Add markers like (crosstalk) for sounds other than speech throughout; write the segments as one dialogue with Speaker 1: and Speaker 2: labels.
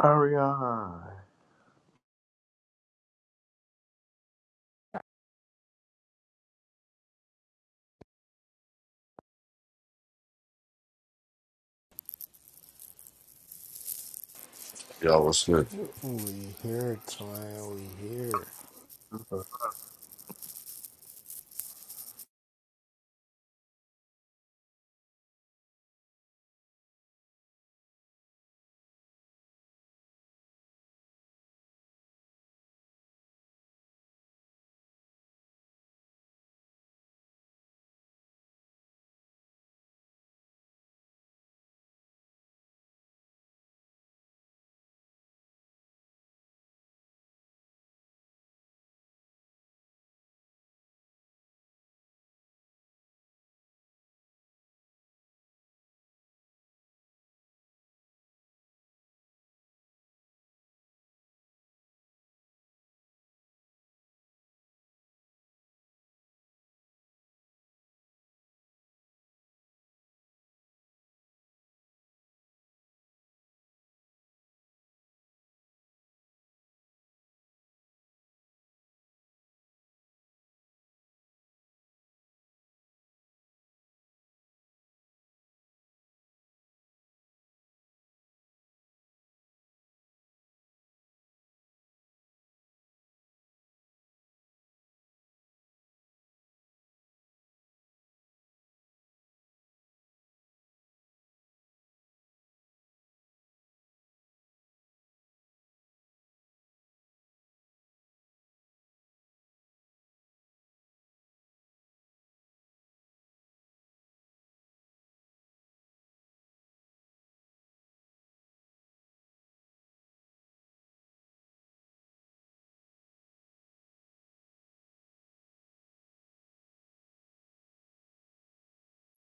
Speaker 1: Ariana.
Speaker 2: Yeah, what's good?
Speaker 3: We here, twin. We here.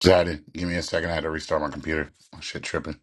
Speaker 4: Zaddy, give me a second. I had to restart my computer. Oh, Shit tripping.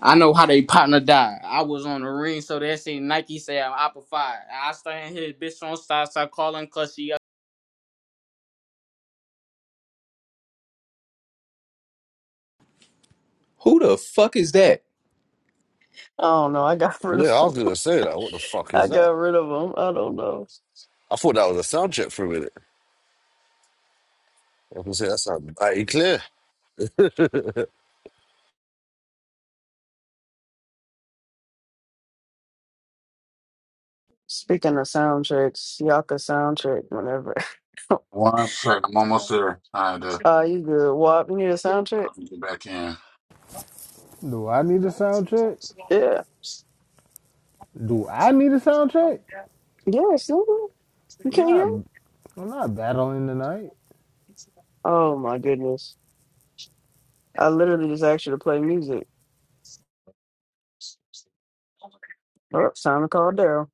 Speaker 5: I know how they partner died. I was on the ring, so that shit Nike say I'm Apple Five. I stand here, bitch on side, start calling cussy.
Speaker 6: Who the fuck is that?
Speaker 7: I don't know. I got (laughs) rid of
Speaker 2: Yeah, I
Speaker 7: them.
Speaker 2: was gonna say that. What the fuck
Speaker 7: I
Speaker 2: is that?
Speaker 7: got rid of them. I don't know.
Speaker 2: I thought that was a sound check for a minute. I was gonna say that sounded mighty clear.
Speaker 7: Speaking of soundtracks, y'all could soundtrack whenever.
Speaker 4: One second. I'm almost there.
Speaker 7: (laughs)
Speaker 4: I had to
Speaker 7: uh, you good? Wap, you need a
Speaker 4: look
Speaker 7: soundtrack?
Speaker 4: out and get back in.
Speaker 3: Do I need a sound check?
Speaker 7: Yeah.
Speaker 3: Do I need a sound check?
Speaker 7: Yeah, it's nigga. You
Speaker 3: I'm
Speaker 7: can't
Speaker 3: not.
Speaker 7: hear me?
Speaker 3: I'm not battling tonight.
Speaker 7: Oh my goodness. I literally just asked you to play music. Oh, time to call Daryl.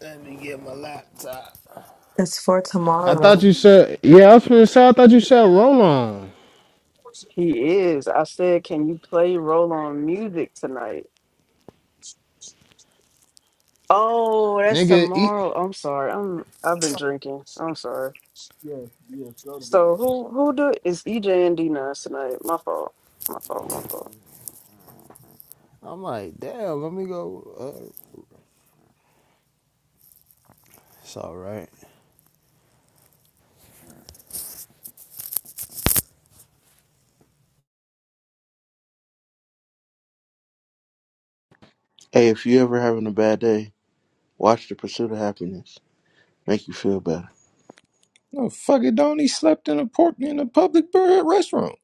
Speaker 3: Let me get my laptop.
Speaker 8: It's for
Speaker 3: I thought
Speaker 8: tomorrow.
Speaker 3: you said. Yeah, I was gonna say. I thought you said Roman.
Speaker 7: He is. I said, can you play roll on music tonight? Oh, that's
Speaker 3: Nigga, eat.
Speaker 7: tomorrow. I'm sorry. I'm I've been drinking. so I'm sorry.
Speaker 1: Yes, yes, go to
Speaker 7: So
Speaker 1: bed.
Speaker 7: who who do is EJ and D Nas tonight? My fault. My fault. My fault.
Speaker 3: I'm like, damn. Let me go. Uh, it's all right.
Speaker 9: Hey, if you ever having a bad day, watch The Pursuit of Happiness. Make you feel better.
Speaker 6: No, fuck it, don't he slept in a port in a public bird restroom.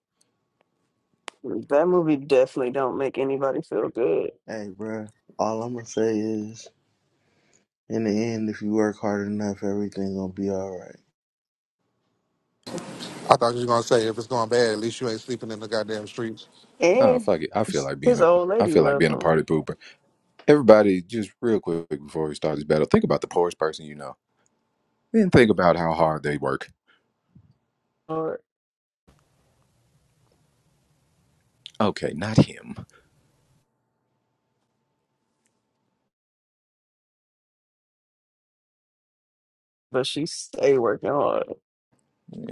Speaker 7: Mm, That movie definitely don't make anybody feel good.
Speaker 9: Hey, bruh, all I'm gonna say is, in the end, if you work hard enough, everything gonna be all right.
Speaker 10: I thought you was gonna say if it's going bad, at least you ain't sleeping in the goddamn street.
Speaker 6: No,
Speaker 7: And
Speaker 6: fuck it. I feel like being
Speaker 7: his
Speaker 6: a
Speaker 7: old
Speaker 6: I
Speaker 7: lady
Speaker 6: feel like
Speaker 7: left
Speaker 6: being a
Speaker 7: him
Speaker 6: party pooper. Everybody, just real quick before we start this battle, think about the poorest person you know. Then think about how hard they work.
Speaker 7: hard,
Speaker 6: Okay, not him.
Speaker 7: but she stay working hard.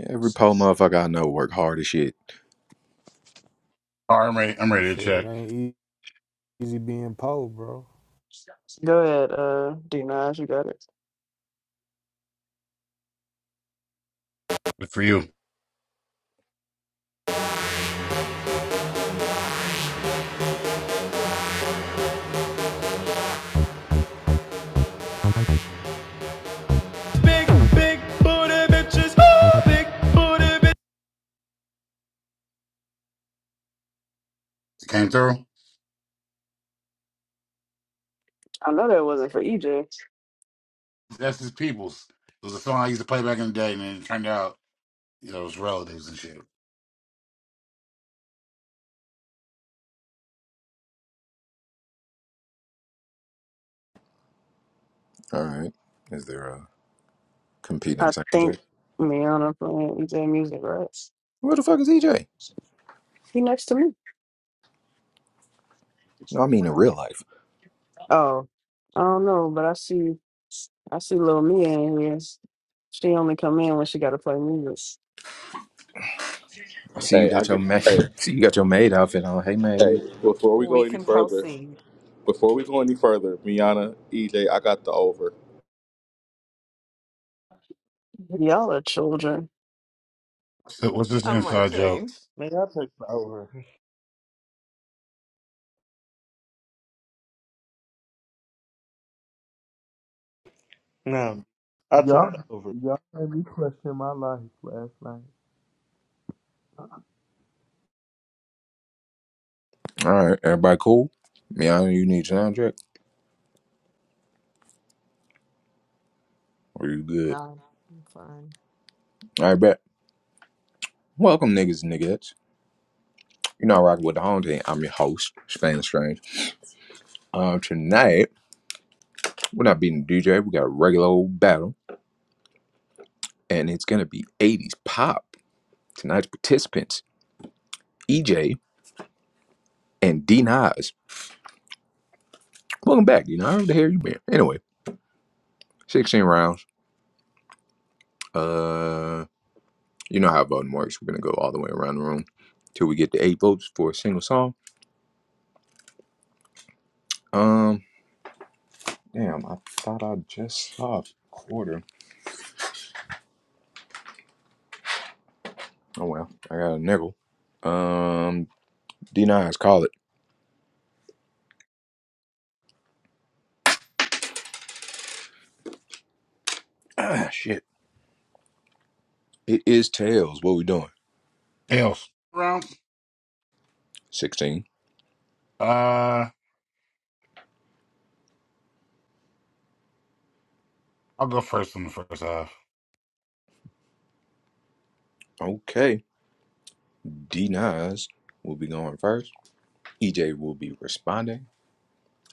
Speaker 6: Every poor motherfucker I know work hard as shit.
Speaker 4: All right, I'm ready. I'm ready to
Speaker 3: Shit, it
Speaker 4: check.
Speaker 3: ain't easy being poor, bro.
Speaker 7: Go ahead, uh, D Nas, you got it.
Speaker 4: Good for you.
Speaker 11: Big, big booty bitches. Ooh, big booty bitches.
Speaker 4: It came through.
Speaker 7: I know that wasn't for EJ.
Speaker 4: That's his peoples. It was a song I used to play back in the day, and then it turned out, you know, it was relatives and shit.
Speaker 6: All right. Is there a competing
Speaker 7: I
Speaker 6: second check?
Speaker 7: think Miana playing EJ music, right?
Speaker 6: Where the fuck is EJ?
Speaker 7: He next to me.
Speaker 6: No, I mean in real life.
Speaker 7: Oh, I don't know, but I see I see little Mia in here. She only come in when she gotta play music.
Speaker 6: I see you
Speaker 12: Hey, I
Speaker 6: got your
Speaker 12: just
Speaker 6: maid.
Speaker 12: hey
Speaker 6: (laughs) see you got your maid outfit on. Hey maid.
Speaker 12: hey before we go
Speaker 8: We
Speaker 12: any
Speaker 8: can
Speaker 12: further,
Speaker 8: proceed.
Speaker 12: before we go any further, Miana, EJ, I got the over.
Speaker 7: Y'all are children.
Speaker 4: So what's this
Speaker 8: I might
Speaker 4: inside joke?
Speaker 8: change.
Speaker 9: Man, I took the over. (laughs) No, I took
Speaker 1: Y'all,
Speaker 9: the over.
Speaker 1: y'all made me question my life last night.
Speaker 6: All right, everybody cool? Yeah, you need sound check. Are you good?
Speaker 8: No, I'm fine.
Speaker 6: All right, bet. Welcome, niggas and niggas. You know, I rock with the home team. I'm your host, Stan Strange. Um, tonight, we're not beating the DJ. We got a regular old battle, and it's going to be 80s pop. Tonight's participants, EJ and D Nas. Welcome back, D Nas. Where the hell you been? Anyway, 16 rounds. Uh, You know how voting works. We're going to go all the way around the room till we get to eight votes for a single song. Um, Damn, I thought I just saw a quarter. Oh, well, I got a nickel. Um, D9s, call it. (clears throat) Ah, shit. It is tails. What we doing?
Speaker 4: Else. Rounds?
Speaker 6: 16.
Speaker 4: Uh, I'll go first on the first half.
Speaker 6: Okay. D9s will be going first. EJ will be responding.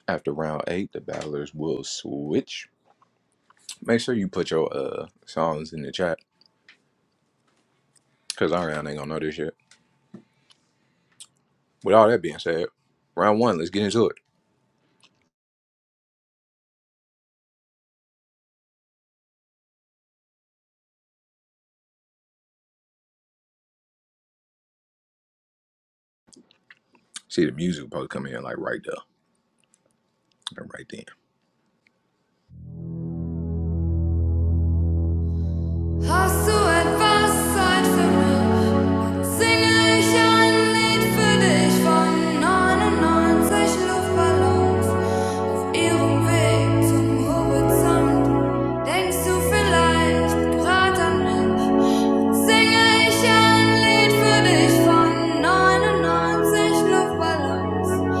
Speaker 6: After round eight, the battlers will switch. Make sure you put your uh songs in the chat, because our round ain't gonna know this shit. With all that being said, round one, let's get into it. See, the music will probably come in like right there, right then.
Speaker 11: Hast du etwas Zeit für mich? Singe ich ein Lied für dich von 99 Luftballons auf ihrem Weg zum Horizont. Denkst du vielleicht gerade an mich? Singe ich ein Lied für dich von 99 Luftballons,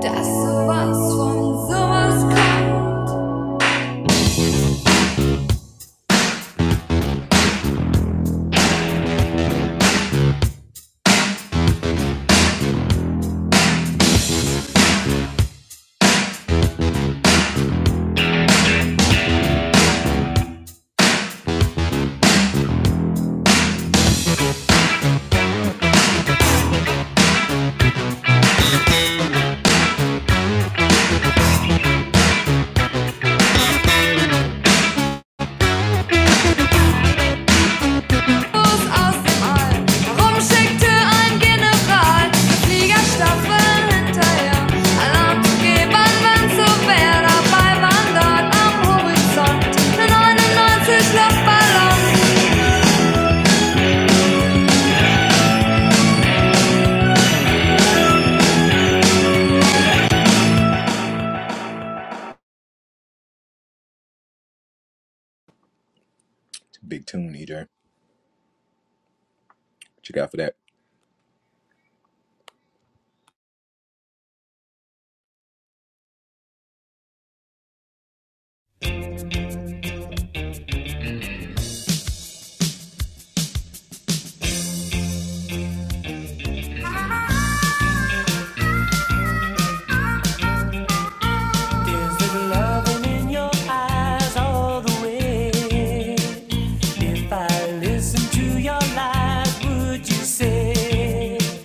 Speaker 11: dass sowas von sowas kommt. Infos aus dem All. Warum schickte ein General Fliegerstaffeln hinterher? Alarm zu geben, wenn's so Dabei waren dort am Horizont 99 Luftballons.
Speaker 6: It's a big tune, EJ. What you got for that?
Speaker 13: There's little loving in your eyes all the way. If I listen to your lies, would you say?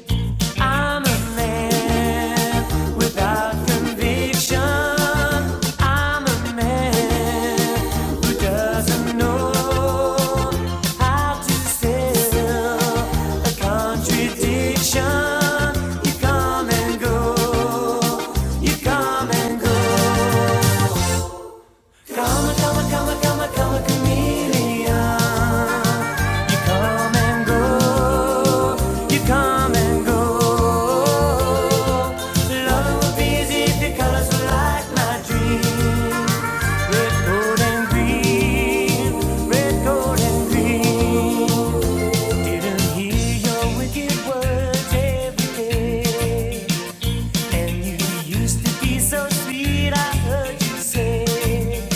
Speaker 13: I'm a man without conviction. I'm a man who doesn't know how to sell a contradiction. You come and go, you come and go. Come, come, come, come, come, a chameleon. You come and go. You come and go. Love will be easy if your colors were like my dream, Red, gold, and green. Red, gold, and green. Didn't hear your wicked words every day. And you used to be so sweet, I heard you say.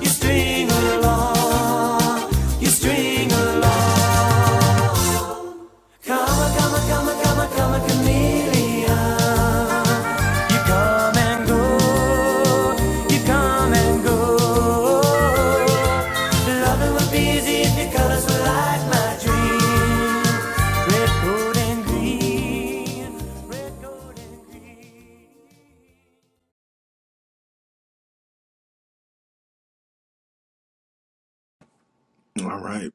Speaker 13: You string along, you string along. Come, come, come, come, come, a chameleon. You come and go, you come and go. Loving would be easy if your colors were like my dream. Red, gold, and green. Red, gold, and
Speaker 6: All right.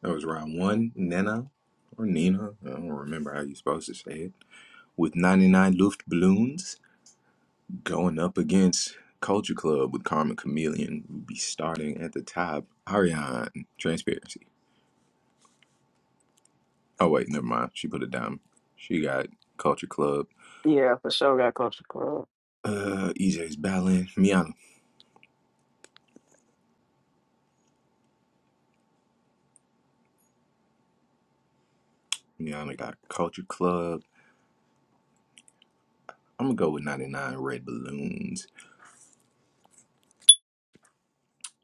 Speaker 6: That was round one, Nana, or Nina. I don't remember how you supposed to say it. with 99 Luftballons going up against Culture Club with Karma Chameleon. We'll be starting at the top. Ariane, Transparency. Oh, wait, never mind. She put it down. She got Culture Club.
Speaker 7: Yeah, for sure got culture club.
Speaker 6: Uh, EJ's Ballin. Miana. Miana got Culture Club. I'm gonna go with 99 Red Balloons.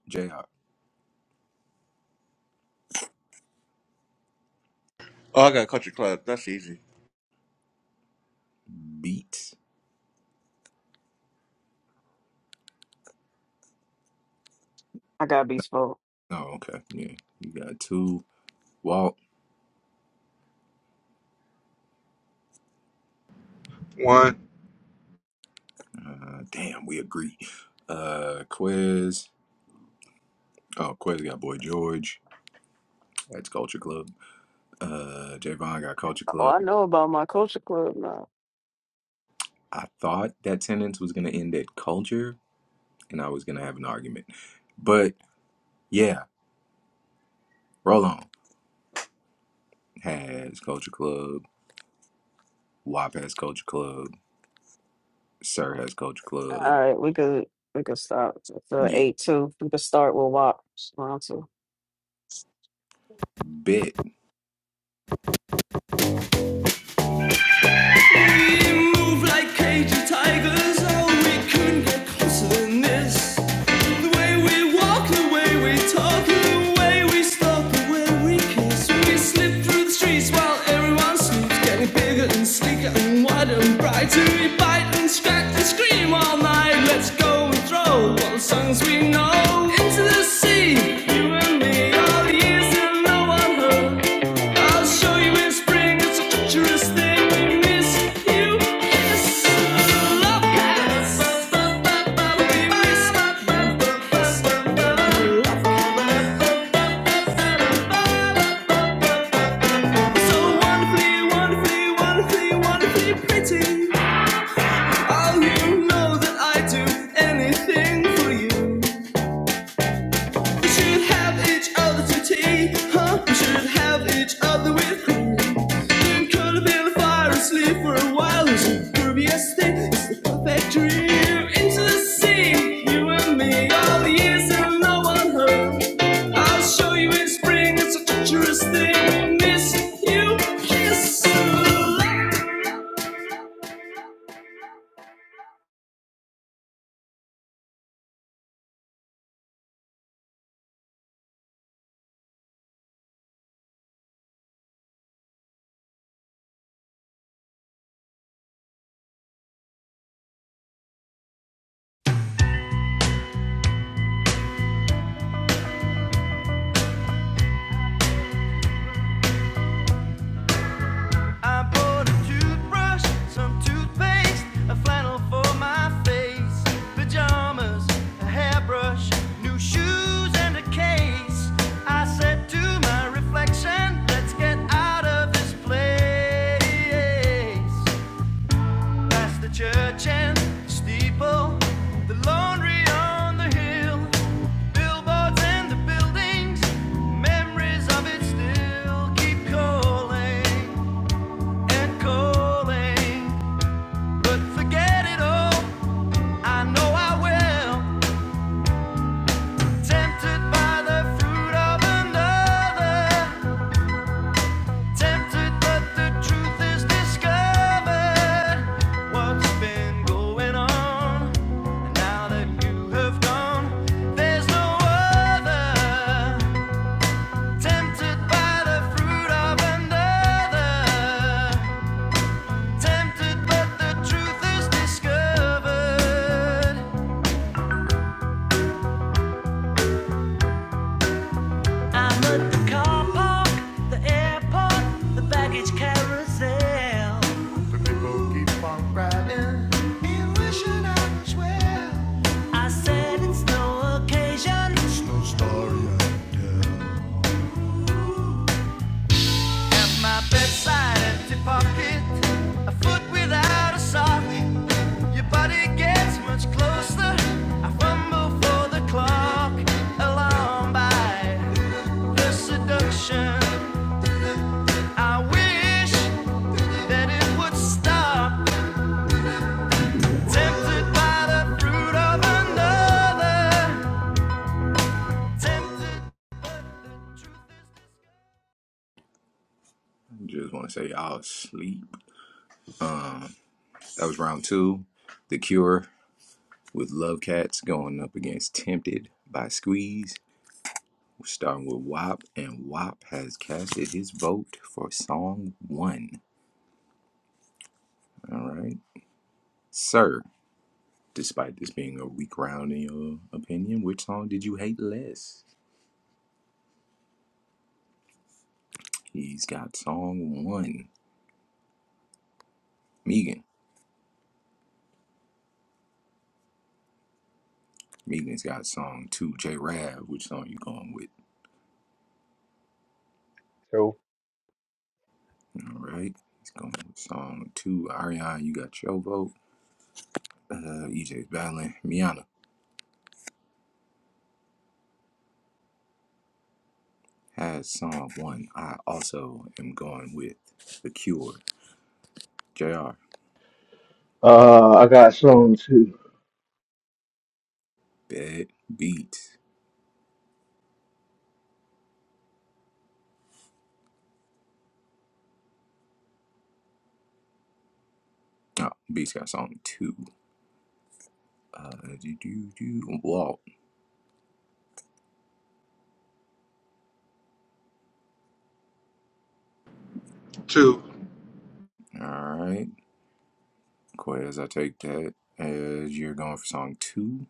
Speaker 6: JR
Speaker 9: Oh, I got Country Club. That's easy.
Speaker 6: Beats.
Speaker 7: I got beats spoke.
Speaker 6: Oh, okay. Yeah, you got two. Walt. Uh, damn, we agree. Uh, Quez. Oh, Quez got Boy George. That's Culture Club. uh, J got Culture
Speaker 7: Oh,
Speaker 6: Club.
Speaker 7: I know about my culture club now.
Speaker 6: I thought that sentence was going to end at culture and I was going to have an argument. But yeah, Roll On has Culture Club. WAP has Culture Club. Sir has Culture Club.
Speaker 7: All right, we could we could stop the
Speaker 6: Yeah.
Speaker 7: eight two. We could start with WAP round two.
Speaker 6: Bet.
Speaker 11: We move like cagey tigers. Oh, we couldn't get closer than this. The way we walk, the way we talk, the way we stalk, the way we kiss. We slip through the streets while everyone sleeps, getting bigger and sleeker and wider and brighter. We bite and scratch and scream all night. Let's go and throw all the songs we know into the sea. You and me, all the years that no one heard. I'll show you in spring. It's a treacherous thing. We miss you. Kiss. Love cats. We miss you. So wonderfully, wonderfully, wonderfully, wonderfully pretty. Oh, you know that I'd do anything for you. We should have each other to tea, huh? We should have each other with you. Then Curl up in the fire and sleep for a while. It's a previous day. It's the perfect dream. Into the sea, you and me. All the years and no one heard. I'll show you in spring. It's a treacherous thing. Miss you. Kiss.
Speaker 13: I bought a toothbrush, some toothpaste, a flannel for my face, pajamas, a hairbrush, new shoes, and a case. I said to my reflection, let's get out of this place. Past the church and the steeple, the laundry on the hill, billboards and the buildings, memories of it still keep calling and calling, but forget it all. I know I will. Tempted by the fruit of another, tempted, but the truth is discovered. What's been going on? now that you have gone, there's no other. Tempted by the fruit of another, tempted, but the truth is discovered. I'm at the car park, the airport, the baggage carousel. I said it's no occasion. At my bedside, empty pocket, a foot without a sock. Your body gets much closer. I fumble for the clock, alarm by the seduction. I wish that it would stop. Tempted by the fruit of another. Tempted.
Speaker 6: Just want to say y'all sleep. That was round two. The Cure with Love Cats going up against Tempted by Squeeze. We're starting with WAP, and WAP has casted his vote for song one. All right. Sir Despite this being a weak round in your opinion, which song did you hate less? He's got song one, Megan. Megan's got song two, J Rab. Which song you going with?
Speaker 14: two,
Speaker 6: All right. He's going with song two, Ariana. You got your vote. Uh, EJ's battling. Miana has song one. I also am going with The Cure. J. R.
Speaker 9: Uh, I got Sloan too.
Speaker 6: Bad Beats. Oh, Beats got song two. Uh, do do do. Walt.
Speaker 10: Two.
Speaker 6: All right. Quez, I take that as you're going for song two.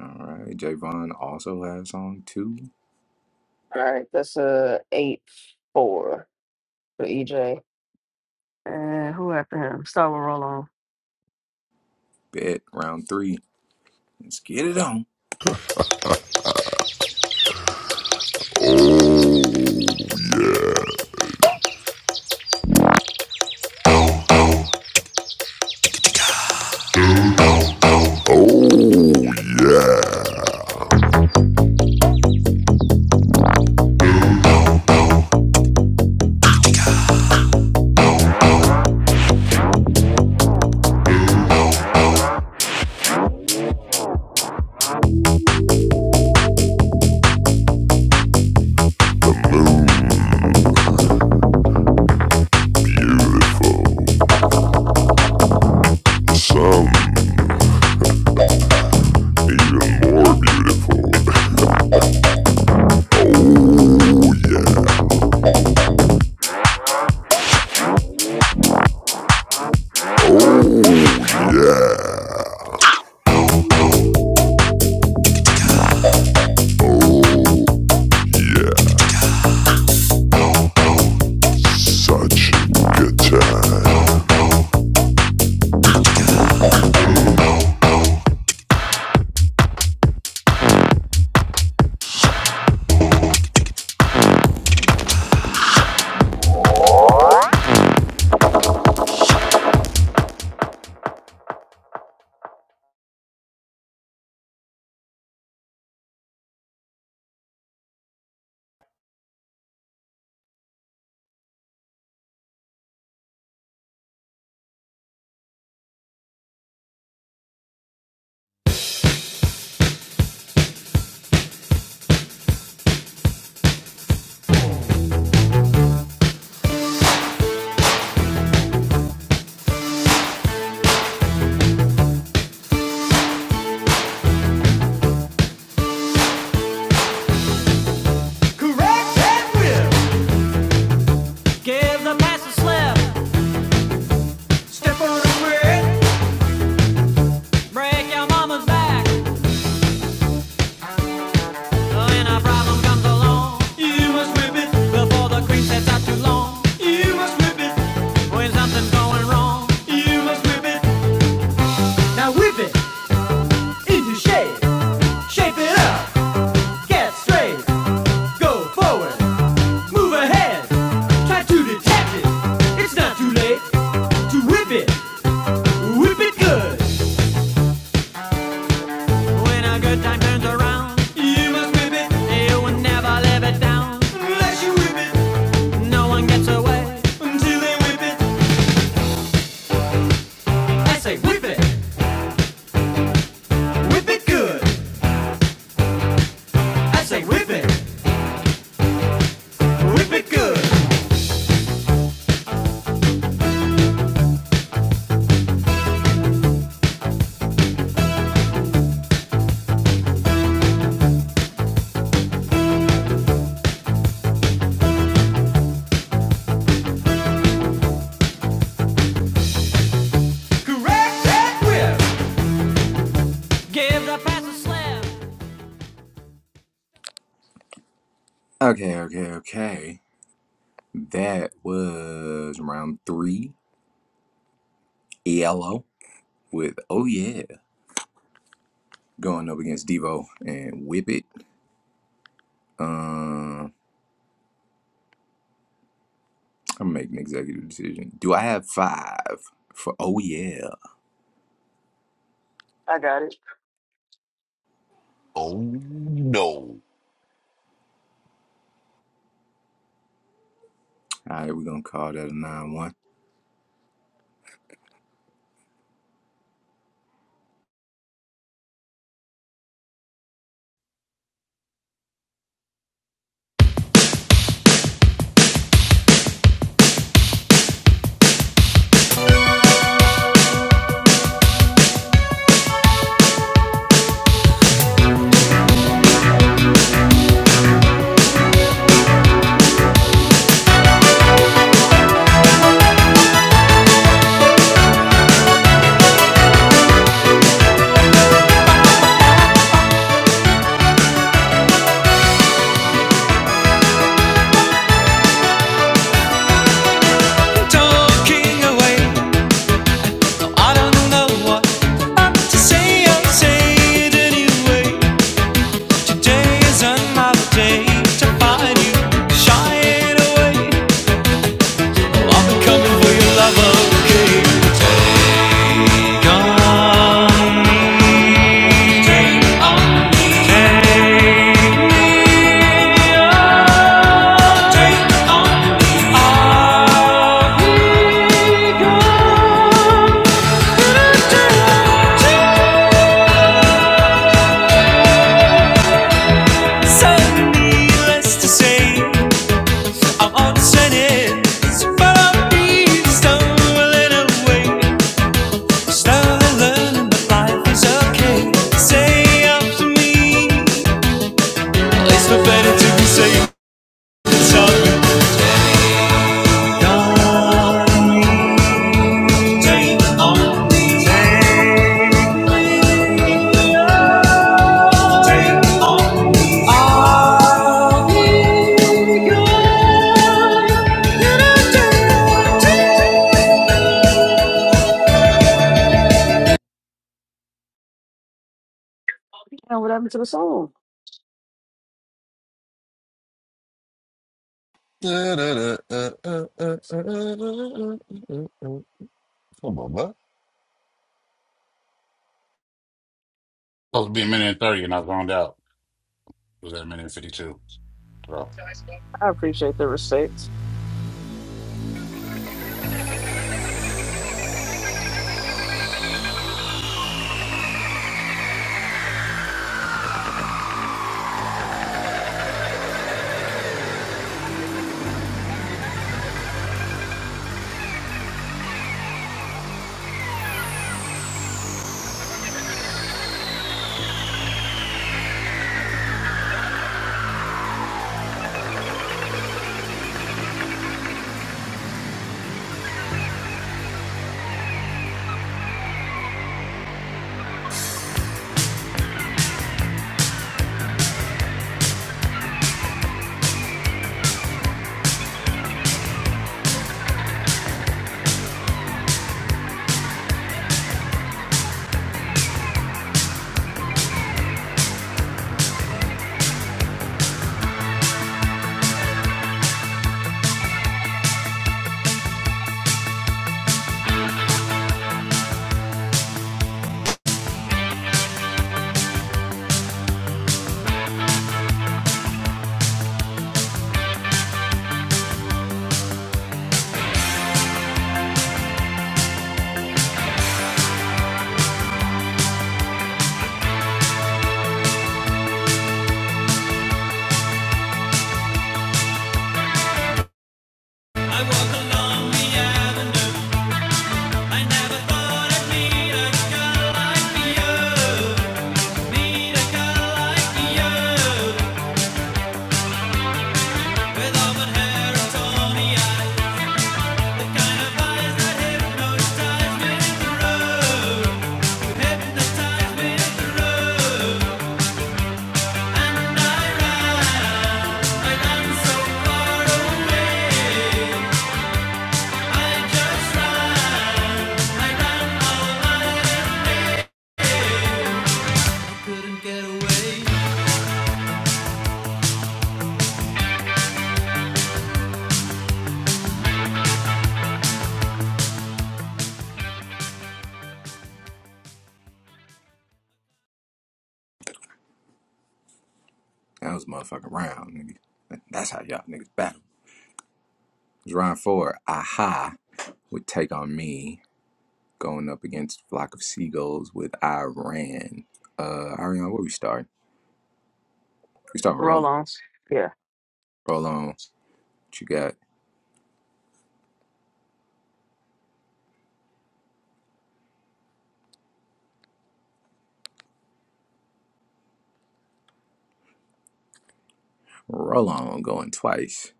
Speaker 6: All right. Javon also has song two.
Speaker 7: All right, that's a eight four for EJ. And who after him? Start with roll on.
Speaker 6: Bet round three. Let's get it on.
Speaker 11: Such good time.
Speaker 13: Correct and will. Give the past a slip, Step on over it. break your mama's back. When a problem comes along, You must whip it. before the cream sets out too long. You must whip it. When something's going wrong, You must whip it. Now whip it into shape. Shape it up. Get straight. Go forward. Move ahead. Try to detect it. It's not too late to whip it. Whip it good. When a good time turns around, You must whip it, you will never live it down. unless you whip it, No one gets away. until they whip it. I say whip it, Whip it good, I say whip it. whip it good. Correct that whip. Give the past a slap.
Speaker 6: Okay, okay, okay. That was round three. Yellow with Oh Yeah. Going up against Devo and Whip It. Um, I'm making an executive decision. Do I have five for Oh Yeah?
Speaker 7: I got it.
Speaker 2: Oh no.
Speaker 6: All right, we're going to call that a 9 1.
Speaker 11: Talking away. No, I don't know what. Say I'll say it anyway. Today is another day to find you. Shy away. Well, I'm coming for your love, okay? take me. Take me on. I'll be gone So needless to say. I'm on the Senate, but I'm being stolen away. Still learning that life is okay. Say up to me, it's no better to be safe than sorry. Don't take on take take on I'll be yours in a day or two.
Speaker 7: And what happened to the song?
Speaker 2: Come on, man.
Speaker 4: Supposed to be a minute and 30, and I zoned out. It was at a minute and 52. So,
Speaker 7: I appreciate the respect.
Speaker 13: The time didn't get away.
Speaker 6: That was a motherfucking round, nigga. That's how y'all niggas battle. Round four, Aha would take on me going up against Flock of Seagulls with Iran. Uh, Ariana, where we start? We start with Roll
Speaker 7: Roll
Speaker 6: On.
Speaker 7: ons. Yeah.
Speaker 6: Roll On, what you got? Roll On going twice.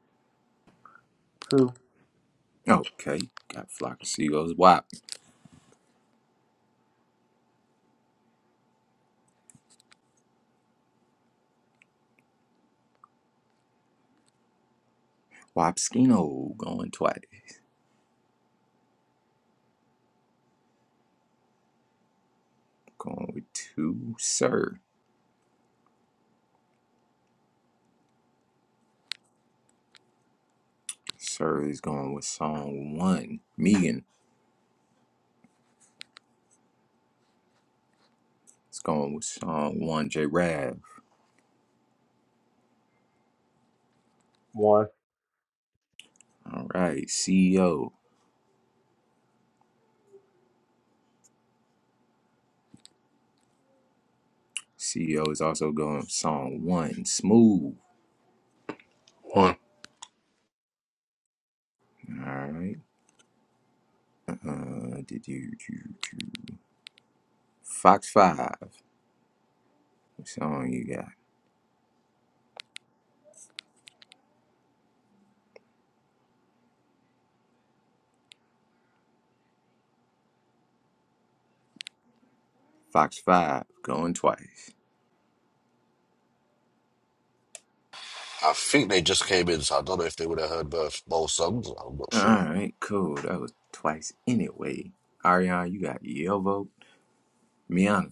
Speaker 1: Two,
Speaker 6: Okay, got Flock of Seagulls. Wap. Wapskino going twice. Going with two. Sir. Sir is going with song one. Megan is going with song one. J Rav.
Speaker 14: one.
Speaker 6: All right, CEO. CEO is also going with song one. Smooth.
Speaker 15: One,
Speaker 6: All right. Uh, do, do, do, do. Fox Five. What song you got? Fox Five. Going twice.
Speaker 2: I think they just came in, so I don't know if they would have heard both both songs. I'm not
Speaker 6: All
Speaker 2: sure.
Speaker 6: right. Cool. That was twice anyway. Ariana, you got your vote. Miana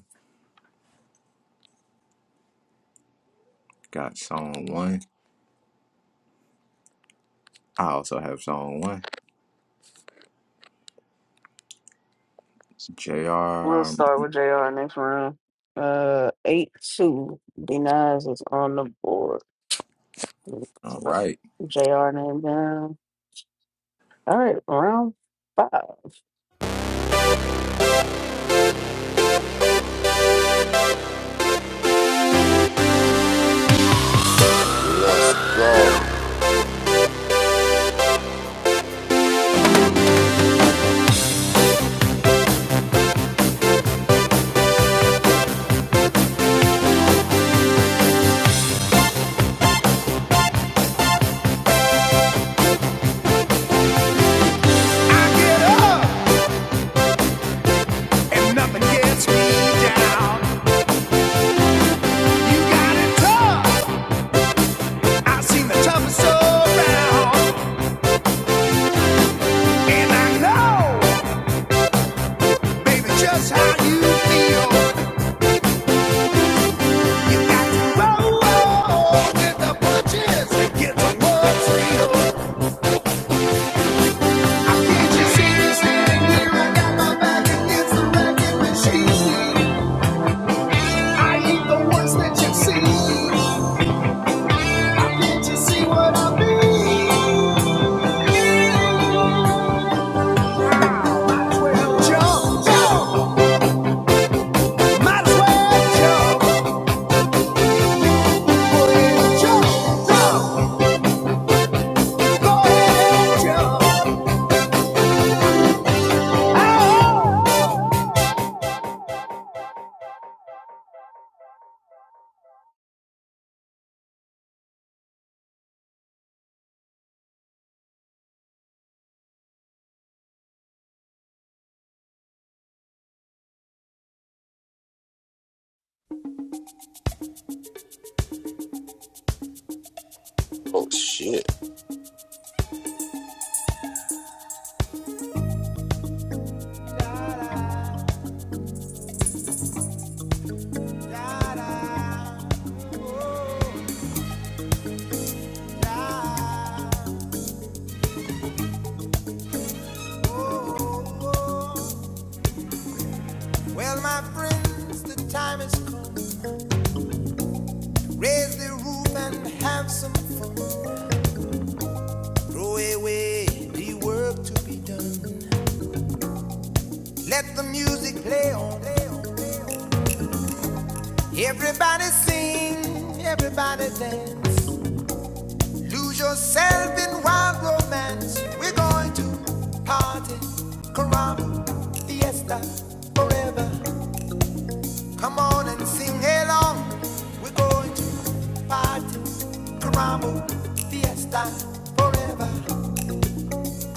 Speaker 6: got song one. I also have song one. Jr.
Speaker 7: We'll
Speaker 6: Um,
Speaker 7: start with JR next round. Uh, 8 2. Denies is on the board.
Speaker 6: all right.
Speaker 7: JR name down. All right, round five.
Speaker 2: Let's go.
Speaker 11: I get up. and nothing gets me down. You got it tough. I've seen the toughest around, and I know, baby, just how you feel. You got to roll with the punches and get to what's real. I can't just see you standing here. I got my back against the wrecking machine. I ain't the ones that you have seen. I can't just see what I mean.
Speaker 2: Oh shit.
Speaker 13: Oh, oh. Well, my friends, the time has come. Raise the roof and have some fun. Throw away the work to be done. Let the music play on. Everybody sing, everybody dance. Lose yourself in wild romance. We're going to party, caramba, fiesta, forever. Come on and sing along. We're going to party, caramba, fiesta, forever.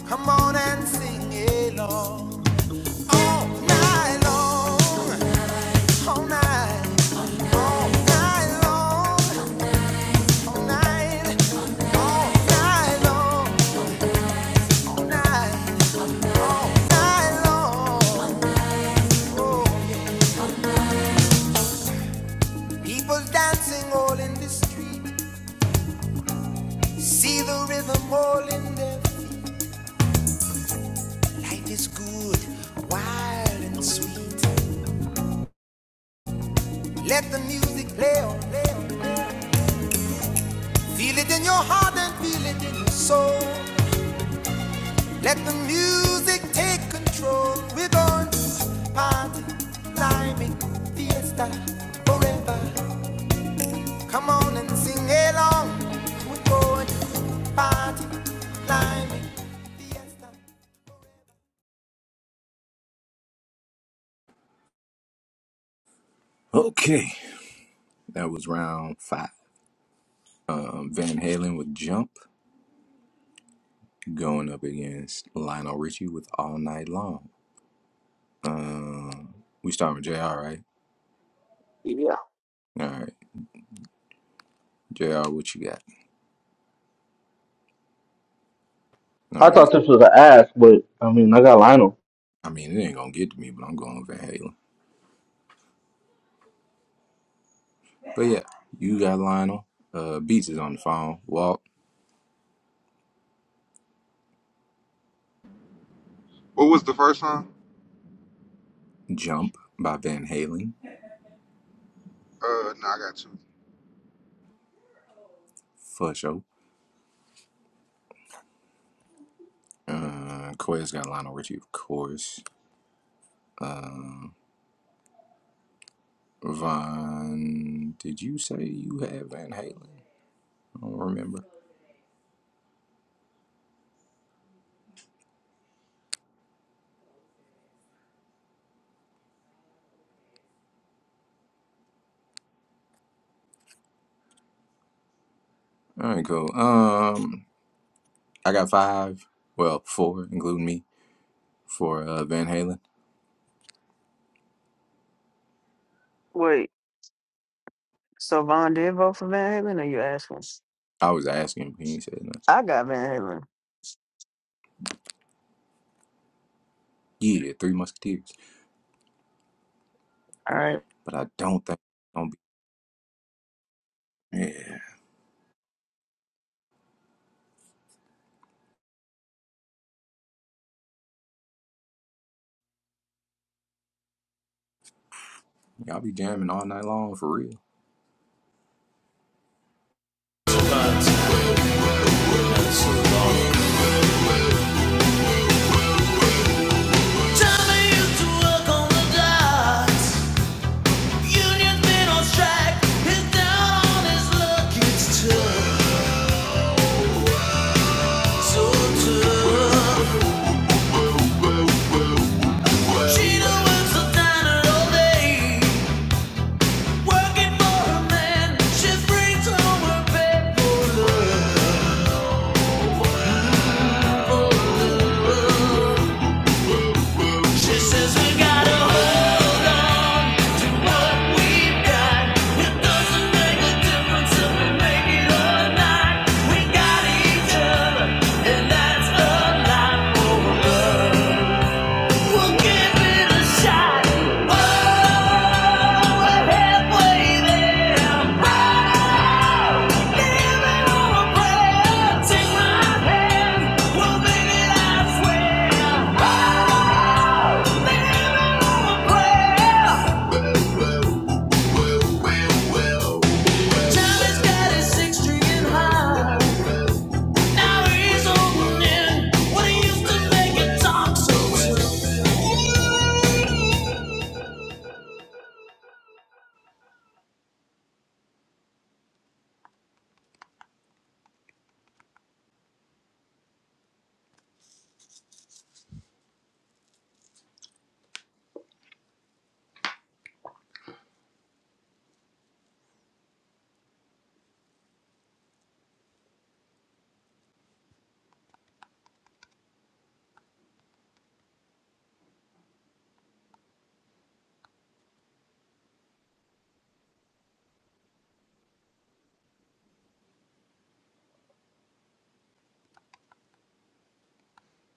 Speaker 13: Come on and sing along all night long. all night, all night long, all night, all night long, all night, all night long. Oh, yeah. People dancing all in the street, see the rhythm all in their Life is good, wild and sweet. Let the music play on. Feel it in your heart and feel it in your soul. Let the music take control. We're going to party, climbing, fiesta, forever. Come on and sing along. We're going to party, climbing, fiesta. forever.
Speaker 6: Okay. That was round five. Um, Van Halen with Jump going up against Lionel Richie with All Night Long. Um, we start with Jr. Right?
Speaker 7: Yeah.
Speaker 6: All right. JR, what you got?
Speaker 9: I
Speaker 6: No, you,
Speaker 9: thought this was an ask, but I mean, I got Lionel.
Speaker 6: I mean, it ain't going to get to me, but I'm going Van Halen. But yeah, you got Lionel. Uh, Beats is on the phone. Walk,
Speaker 10: What was the first song?
Speaker 6: Jump by Van Halen.
Speaker 10: Uh, no, I got two.
Speaker 6: For sure. Uh, Koya's got Lionel Richie, of course. Uh, Von, did you say you had Van Halen? I don't remember. All right, cool. Um, I got five. Well, four, including me, for uh, Van Halen.
Speaker 7: Wait, so Von did vote for Van Halen, or you asking?
Speaker 6: I was asking, and he said no.
Speaker 7: I got Van Halen.
Speaker 6: Yeah, Three Musketeers.
Speaker 7: All right.
Speaker 6: But I don't think. Yeah, y'all be jamming all night long for real.
Speaker 11: And that's a lot for love. We'll give it a shot. Oh, we're halfway there. Oh, living on a prayer. Take my hand. We'll make it, I swear. Oh, on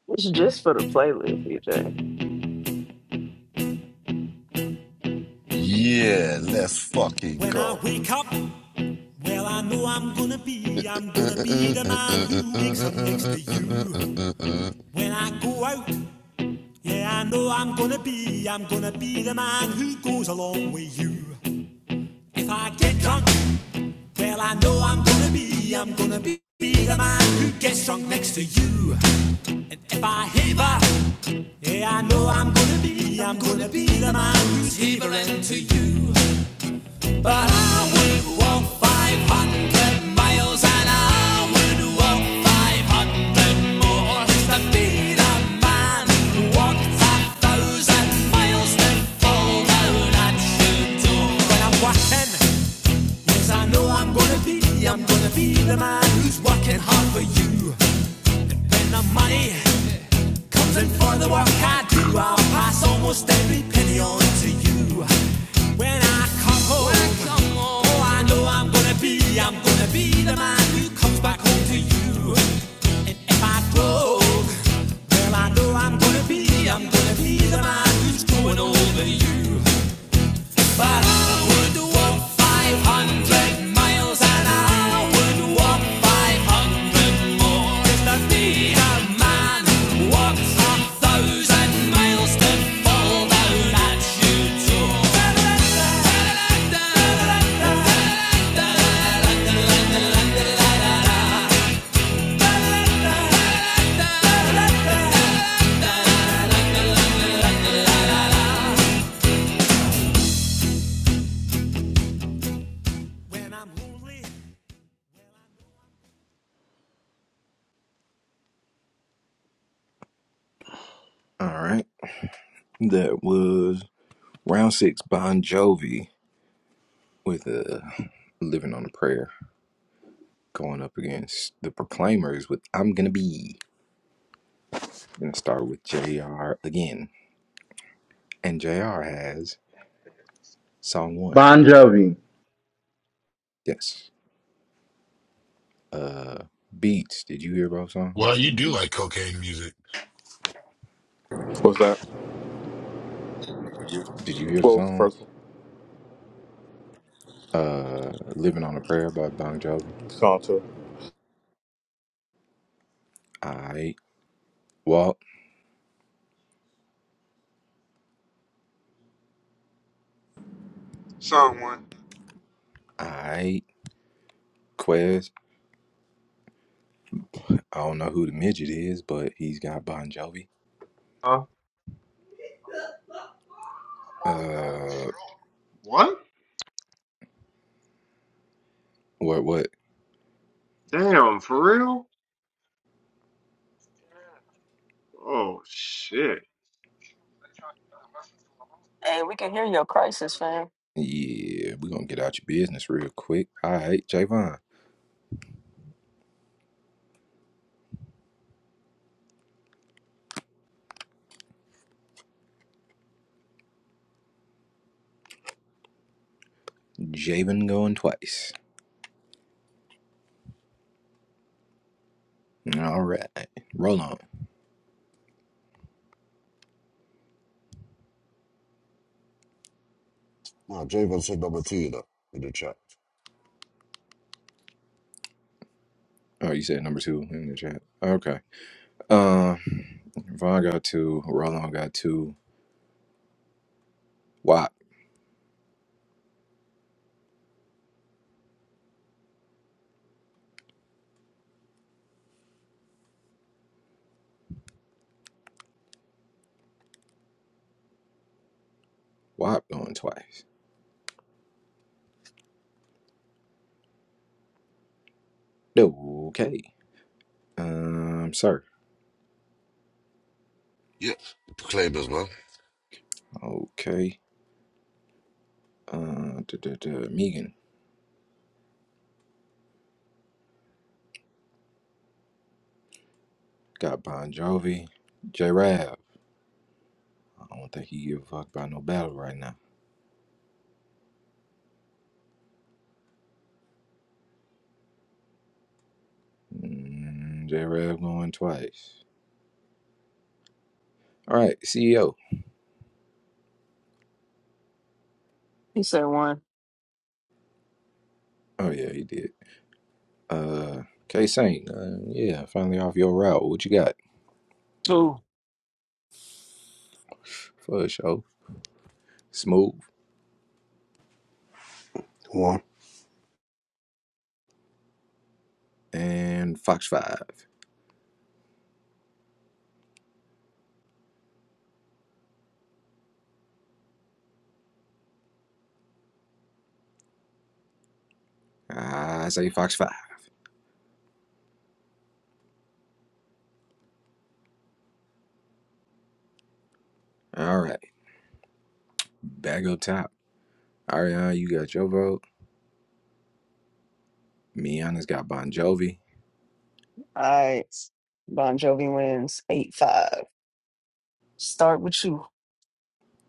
Speaker 7: It's just for the playlist, EJ.
Speaker 2: Yeah, let's fucking
Speaker 13: When I
Speaker 2: go.
Speaker 13: wake up, well, I know I'm gonna be, I'm
Speaker 2: No,
Speaker 13: gonna be the man who wakes up next to you. When I go out, yeah, I know I'm gonna be, I'm gonna be the man who goes along with you. If I get drunk, Well, I know I'm gonna be, I'm gonna be the man who gets drunk next to you. And if I heaver, yeah, I know I'm gonna be, I'm gonna be the man who's heavering to you. But I would walk 500 miles and I would walk 500 more to be the man who walked a thousand miles to fall down at your door. When I'm walking, Cause I know I'm gonna be, I'm gonna be the man who's working hard for you. When the money comes in for the work I do, I'll pass almost every penny on to you. When I come home, when I come home, oh, I know I'm gonna be, I'm gonna be the man who comes back home to you. And if I drove, well, I know I'm gonna be, I'm gonna be the man who's growing older you. But I would walk 500 miles and I would walk 500 more if there be a man walks a thousand miles to fall down at your door. When I'm lonely,
Speaker 6: All right, that was round six. Bon Jovi with uh, "Living on a Prayer" going up against the Proclaimers with "I'm Gonna Be." I'm gonna start with Jr. again, and Jr. has song one.
Speaker 9: Bon Jovi.
Speaker 6: Yes. Uh, beats. Did you hear both
Speaker 4: Well,
Speaker 6: songs?
Speaker 4: you do like cocaine music.
Speaker 12: What's that?
Speaker 6: Did you hear
Speaker 12: What
Speaker 6: the
Speaker 12: was the
Speaker 6: song?
Speaker 12: first one?
Speaker 6: Uh, "Living on a Prayer" by Bon Jovi.
Speaker 12: Song two.
Speaker 6: I walk.
Speaker 10: Song one.
Speaker 6: I Quez. I don't know who the midget is, but he's got Bon Jovi.
Speaker 14: Huh?
Speaker 6: Uh,
Speaker 14: What?
Speaker 6: what, what?
Speaker 14: Damn, for real? Oh shit.
Speaker 7: Hey, we can hear your crisis, fam.
Speaker 6: Yeah, we gonna get out your business real quick. All right, Javon. Javon going twice. All right, roll on.
Speaker 2: Javon said number two, you know, in the chat.
Speaker 6: Oh, you said number two in the chat. Okay. Um, Von got two. Rollon got two. Wop, Wop going twice. Okay. Um, sir.
Speaker 2: Yeah, Proclaimers, man.
Speaker 6: Okay. Uh, duh, duh, duh. Megan got Bon Jovi. J. I don't think he give a fuck about no battle right now. Mm, J Rev going twice. All right, CEO.
Speaker 7: He said one.
Speaker 6: Oh yeah, he did. Uh, K Saint. Uh, yeah, finally off your route. What you got
Speaker 16: Oh,
Speaker 6: for a show? Smooth
Speaker 15: one,
Speaker 6: and Fox Five. I say Fox Five. All right, back up top. Ariana, you got your vote. Miana's got Bon Jovi.
Speaker 7: All right. Bon Jovi wins 8 5. Start with you.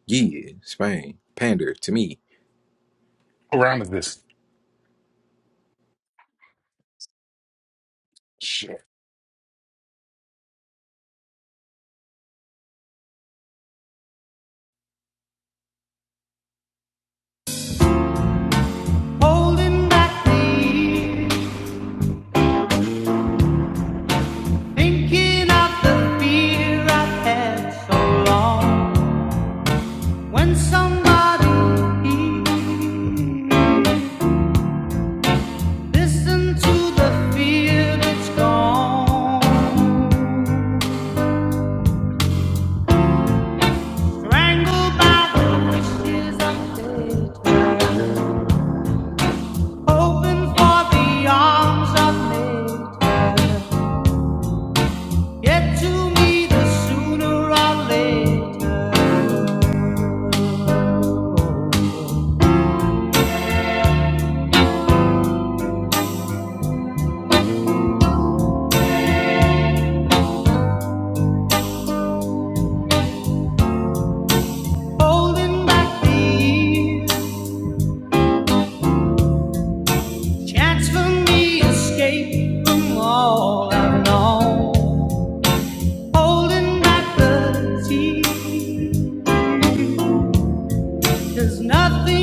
Speaker 6: Yeah, Spain. Pander to me.
Speaker 4: what round is this? Shit.
Speaker 11: a prayer. Somebody listen to the holding back the ears. That's for me escape from all I've known. Holding back the tears, cause nothing.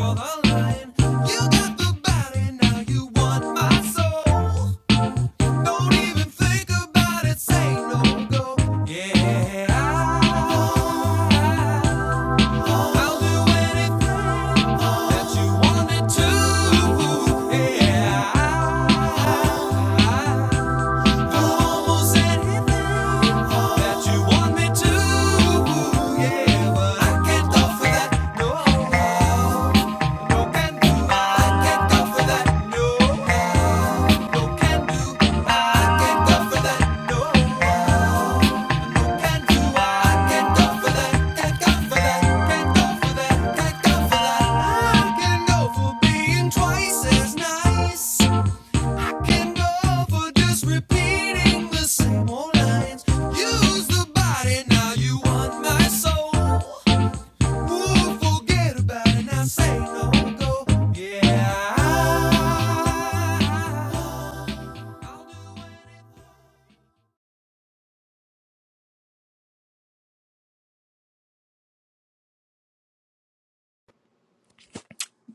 Speaker 13: I want my soul. Don't even think about it, say no go. Yeah. I'll do anything that you want me to. Yeah, I'll do almost anything that you want me to. Yeah, but I can't go for that. No, no can do. I can't go for that. No, no can do. I can't go for that. No.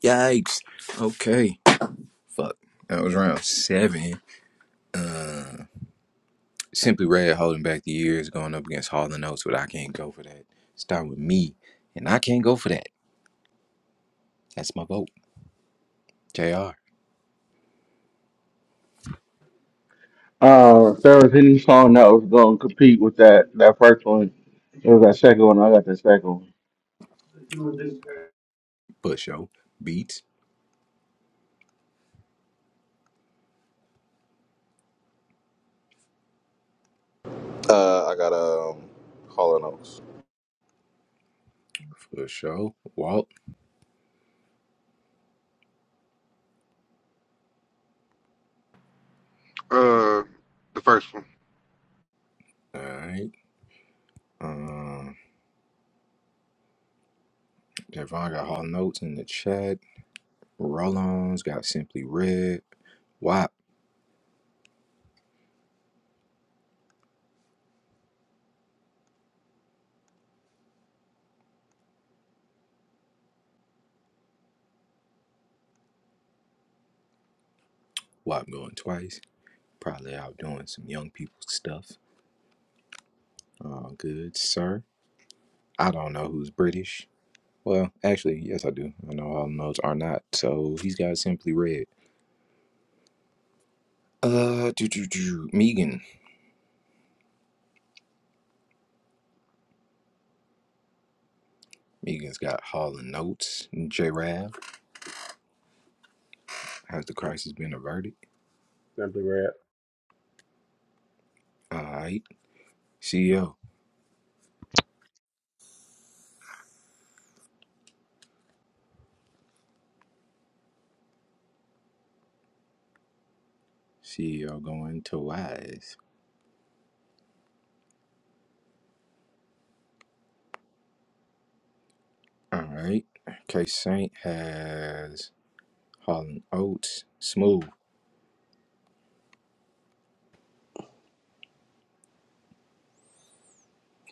Speaker 6: Yikes. Okay. Fuck. That was round seven. Uh. Simply Red holding back the years going up against Hall and Oates, but I can't go for that. Start with me, and I can't go for that. That's my vote. JR.
Speaker 9: Uh, if there was any song that was going to compete with that, that first one, it was that second one. I got the second one.
Speaker 6: For show. Beats.
Speaker 12: Uh, I got um, Hall and Oates.
Speaker 6: For show. Walt.
Speaker 10: Uh, the first one.
Speaker 6: Alright. Um Devon got Hall Notes in the chat. Rollons got Simply Red. WAP. WAP going twice. Probably out doing some young people stuff. Uh, good sir. I don't know who's British. Well, actually, yes I do. I know Hall Notes are not. So he's got Simply Red. Uh, do do do. Megan, Megan's got Harlan notes. J. Rav, has the crisis been averted?
Speaker 14: Simply Red.
Speaker 6: All right. CEO, CEO going to wise. All right. K. Saint has Harlan Oates. Smooth.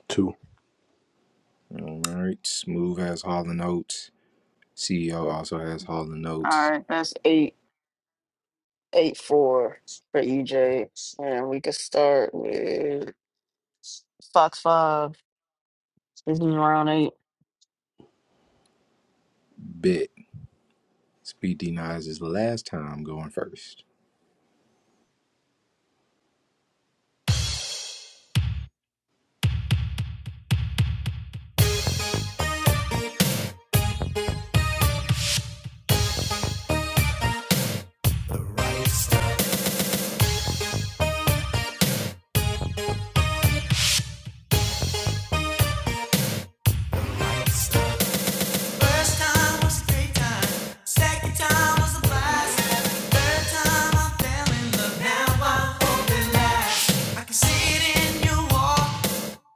Speaker 15: two,
Speaker 6: All right. Smooth has Harlan Oates. CEO also has Harlan
Speaker 7: All
Speaker 6: Oates.
Speaker 7: right, that's eight. eight four for EJ, and we could start with Fox Five. This is round eight.
Speaker 6: Bit. Speed denies his last time going first.
Speaker 11: The First time was three times, second time was a blast. Third time I fell in love, now I hope it lasts. I can see it in your walk,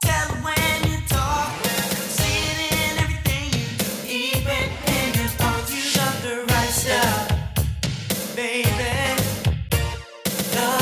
Speaker 11: tell it when you talk. I can See it in everything you do, even in your thoughts. You got the right stuff, baby. wanna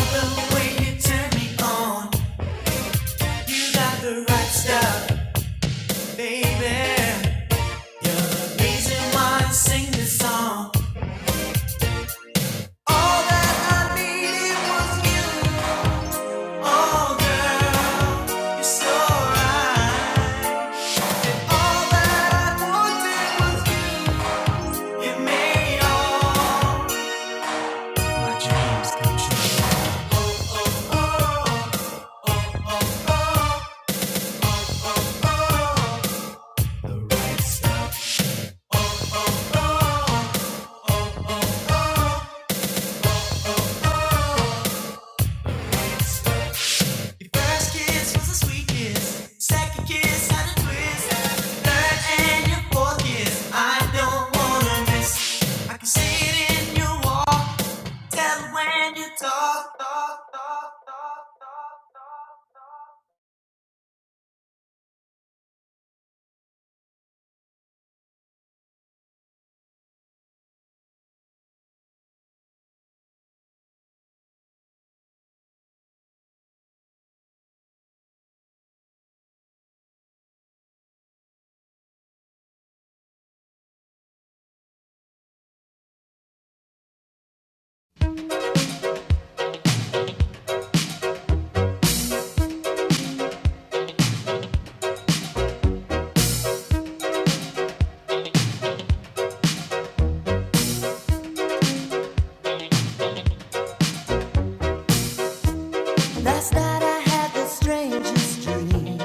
Speaker 13: Last night I had the strangest dream.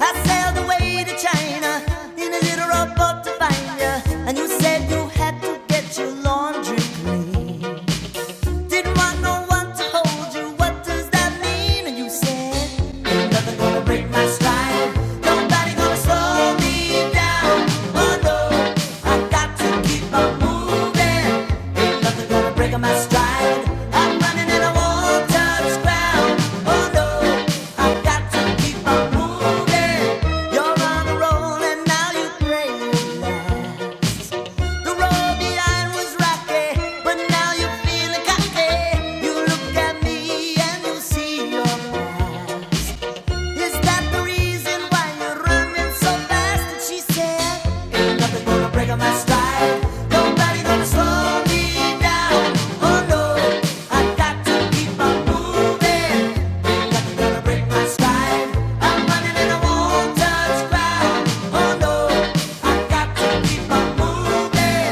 Speaker 13: I sailed away to China in a little rowboat to find you, and you said you had to get your laundry clean. Didn't want no one to hold you. What does that mean? And you said, Ain't nothing gonna break my stride. Nobody gonna slow me down. Oh no, I got to keep on moving. Ain't nothing gonna break my stride. I'm running and I won't ground. Oh no, I got to keep on moving. You're on a roll and now you pray. The road behind was rocky, but now you're feeling cocky. You look at me and you see your mind. Is that the reason why you're running so fast? And she said, Ain't nothing gonna break up my stride. Nobody gonna slow me down. Oh no, I got to keep on moving. Ain't nothing gonna break my stride. I'm running and I won't touch ground. Oh no, I got to keep on moving.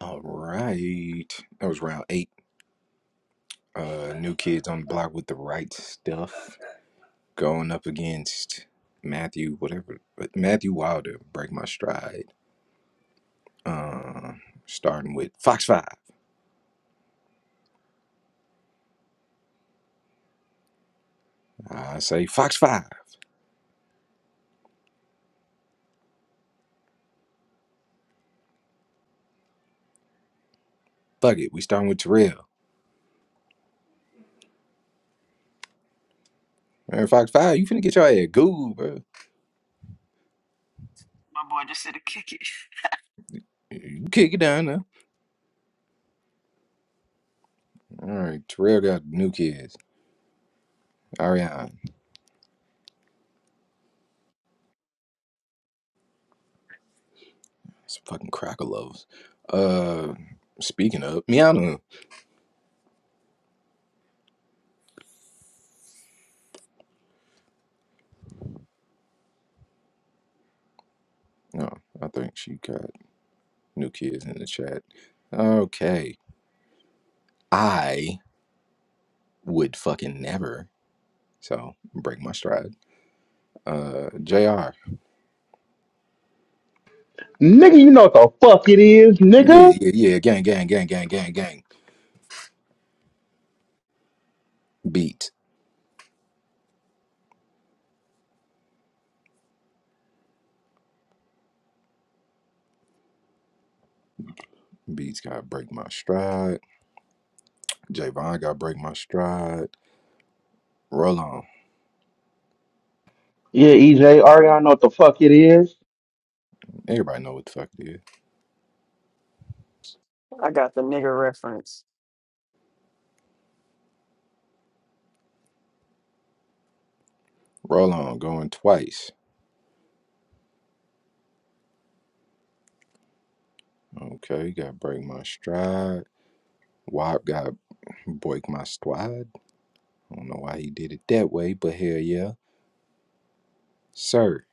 Speaker 6: All right. That was round eight. Uh, new kids on the block with the right stuff. going up against Matthew, whatever, but Matthew Wilder, Break My Stride. Uh, starting with Fox 5. I say, Fox 5, fuck it, we starting with Terrell. Man, Fox 5, you finna get your ass goo, bro.
Speaker 7: My boy just said to kick it.
Speaker 6: You kick it down now. All right, Terrell got new kids. Ariane, some fucking cracker lovers. Uh, speaking of, Miana. No, I think she got new kids in the chat. Okay. I would fucking never. So break my stride. uh JR. Yeah,
Speaker 9: Nigga, you know what the fuck it is, nigga.
Speaker 6: yeah, yeah. Gang, gang, gang, gang, gang, gang. Beat. Beats got to break my stride. Javon got to break my stride. Roll on.
Speaker 9: Yeah, EJ, already know what the fuck it is.
Speaker 6: Everybody know what the fuck it is.
Speaker 7: I got the nigga reference.
Speaker 6: Roll on going twice. Okay, got to break my stride. Wop got to break my stride. I don't know why he did it that way, but hell yeah. Sir.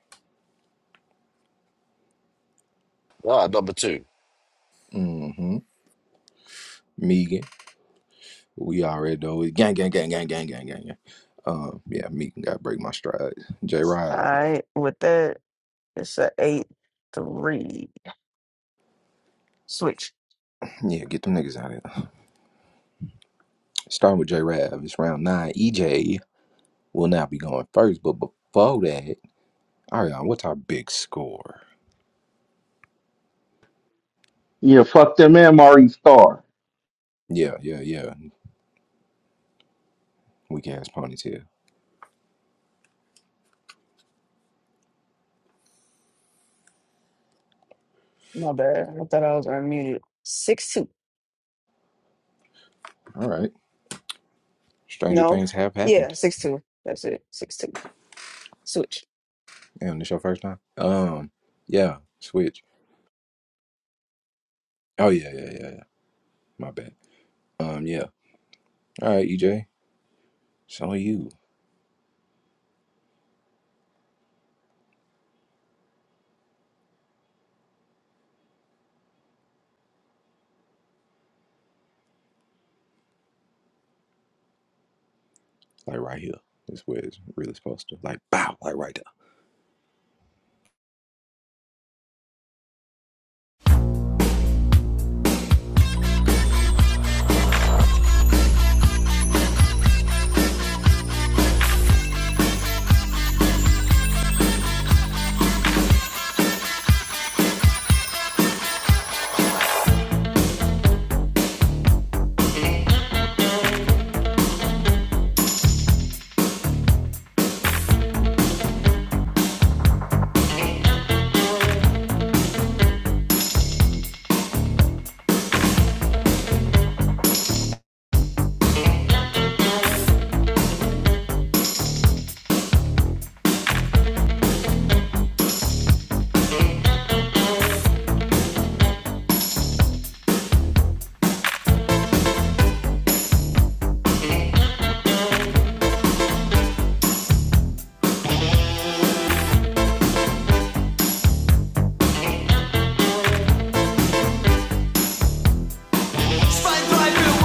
Speaker 2: Ah, number two.
Speaker 6: Mm-hmm. Megan. We already know it. Gang, gang, gang, gang, gang, gang, gang, gang. Um, yeah, Megan got to break my stride. J
Speaker 7: All
Speaker 6: Rob.
Speaker 7: right, with that, it's a eight three switch.
Speaker 6: Yeah, get them niggas out of here. Starting with J Rav, it's round nine. EJ will now be going first, but before that, Ariana, what's our big score?
Speaker 9: Yeah, fuck them and Mari Star.
Speaker 6: Yeah, yeah, yeah. Weak ass ponytail.
Speaker 7: My bad. I thought I was unmuted. Six two.
Speaker 6: All right. Stranger
Speaker 7: No.
Speaker 6: things have
Speaker 7: Yeah,
Speaker 6: happened.
Speaker 7: six two. That's it. Six two. Switch.
Speaker 6: Damn, this your first time? Um, yeah, switch. Oh, yeah, yeah, yeah, yeah. My bad. Um, yeah. All right, EJ. it's on you. Like right here. That's where it's really supposed to. Like, bow, like right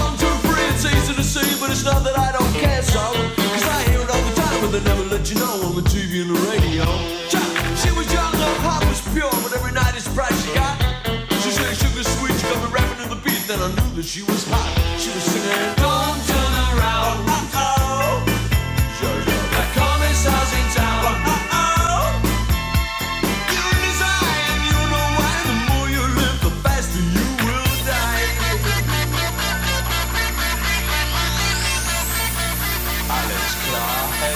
Speaker 13: one, two, three. It's easy to see, but it's not that I don't care so. Cause I hear it all the time, but they never let you know on the TV and the radio. she was young, her heart was pure, but every night it's bright she got. She said sugar sweet, she got me rapping to the beat. Then I knew that she was hot. She was singing, Don't turn around. Uh-oh. That comic house in town. Uh-oh. You and his and you know why. The more you live, the faster you will die. Klar, Herr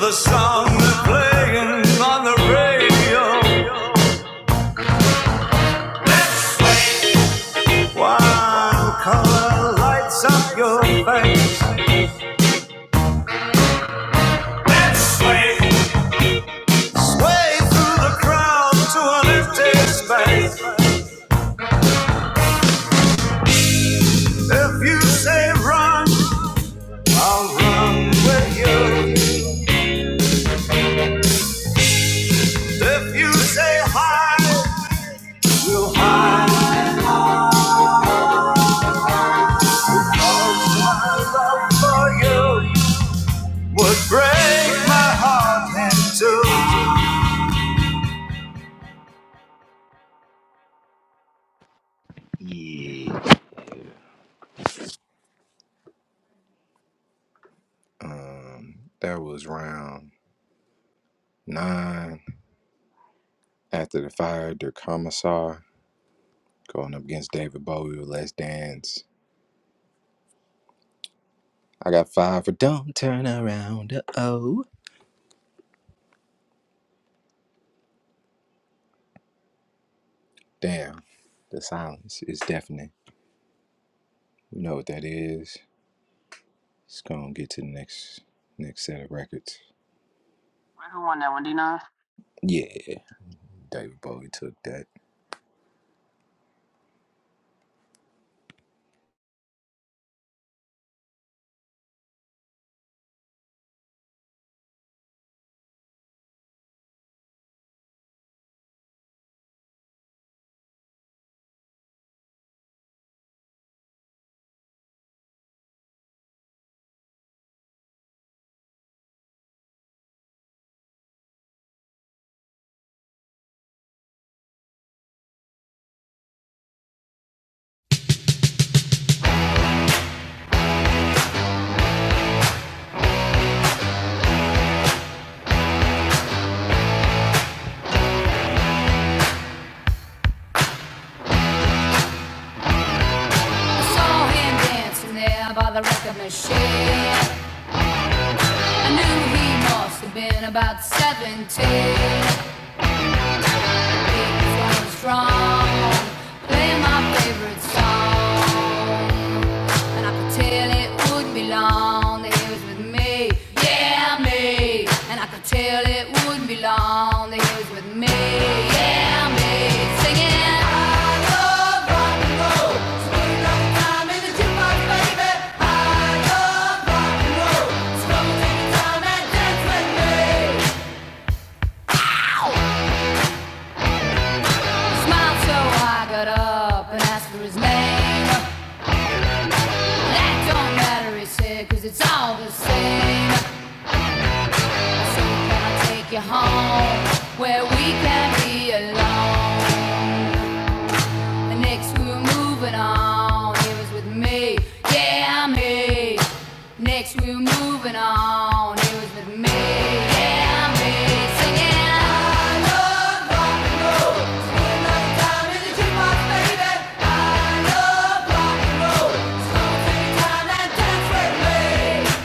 Speaker 11: The song they're playing on the radio. One color lights up your face. Let's sway, sway through the crowd to an empty space. If you say run, I'll run with you. If you say hide, we'll hide. All my love for you would break my heart in two.
Speaker 6: there. Yeah. Um, that was round nine. After the fire, their commissar. Going up against David Bowie with Let's Dance. I got five for Don't Turn Around. Uh oh. Damn. The silence is deafening. You know what that is. It's gonna get to the next next set of records.
Speaker 7: Wait, Who won that one? D nine.
Speaker 6: Yeah. David Bowie took that.
Speaker 13: Been dancing there by the record machine. I knew he must have been about 17. So I was strong. playing my favorite song. And I could tell it wouldn't be long that he was with me. Yeah, me. And I could tell it wouldn't be long that he was with me. Yeah, me. Singing. I love rock and time in the jukebox, baby. I love rock and time and dance with me. Smiled so I got up and asked for his name. That don't matter, he said, cause it's all the same. I said, can I take you home where we can be alone? The next we were moving on, he was with me, yeah, me. Next we were moving on, he was with me, yeah, me. Singing, I love rock and roll, and love time in the jukebox, baby. I love rock Come and dance with me.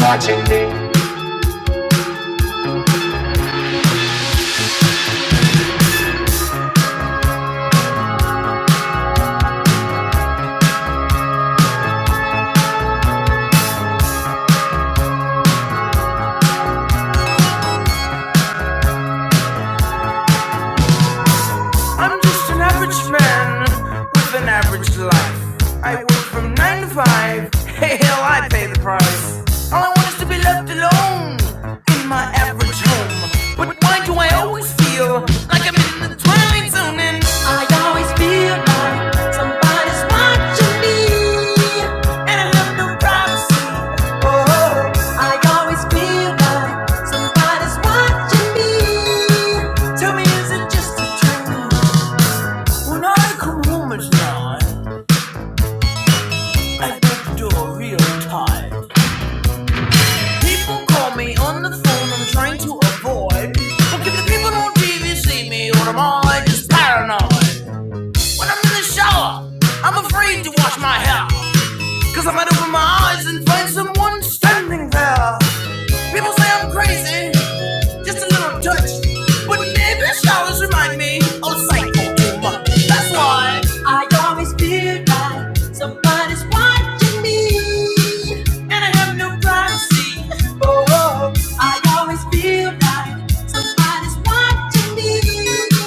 Speaker 11: Watching me. I'm just an average man with an average life. I work from nine to five. Hey, hell, I pay the price. All I want is to be left alone in my average home. But why do I always feel I'm twilight zoning? I always feel like somebody's watching me, and I have no privacy. Oh, I always feel like somebody's watching me. Tell me, is it just a dream? When I come home at night, I get the door real tight. People call me on the phone, I'm trying to avoid. But if the people on TV see me, or am I just paranoid? When I'm in the shower, I'm afraid to wash my, cause I might open my eyes and find someone standing there. Crazy, just a little touch, always remind me. I always feel some, I always feel like somebody's watching me.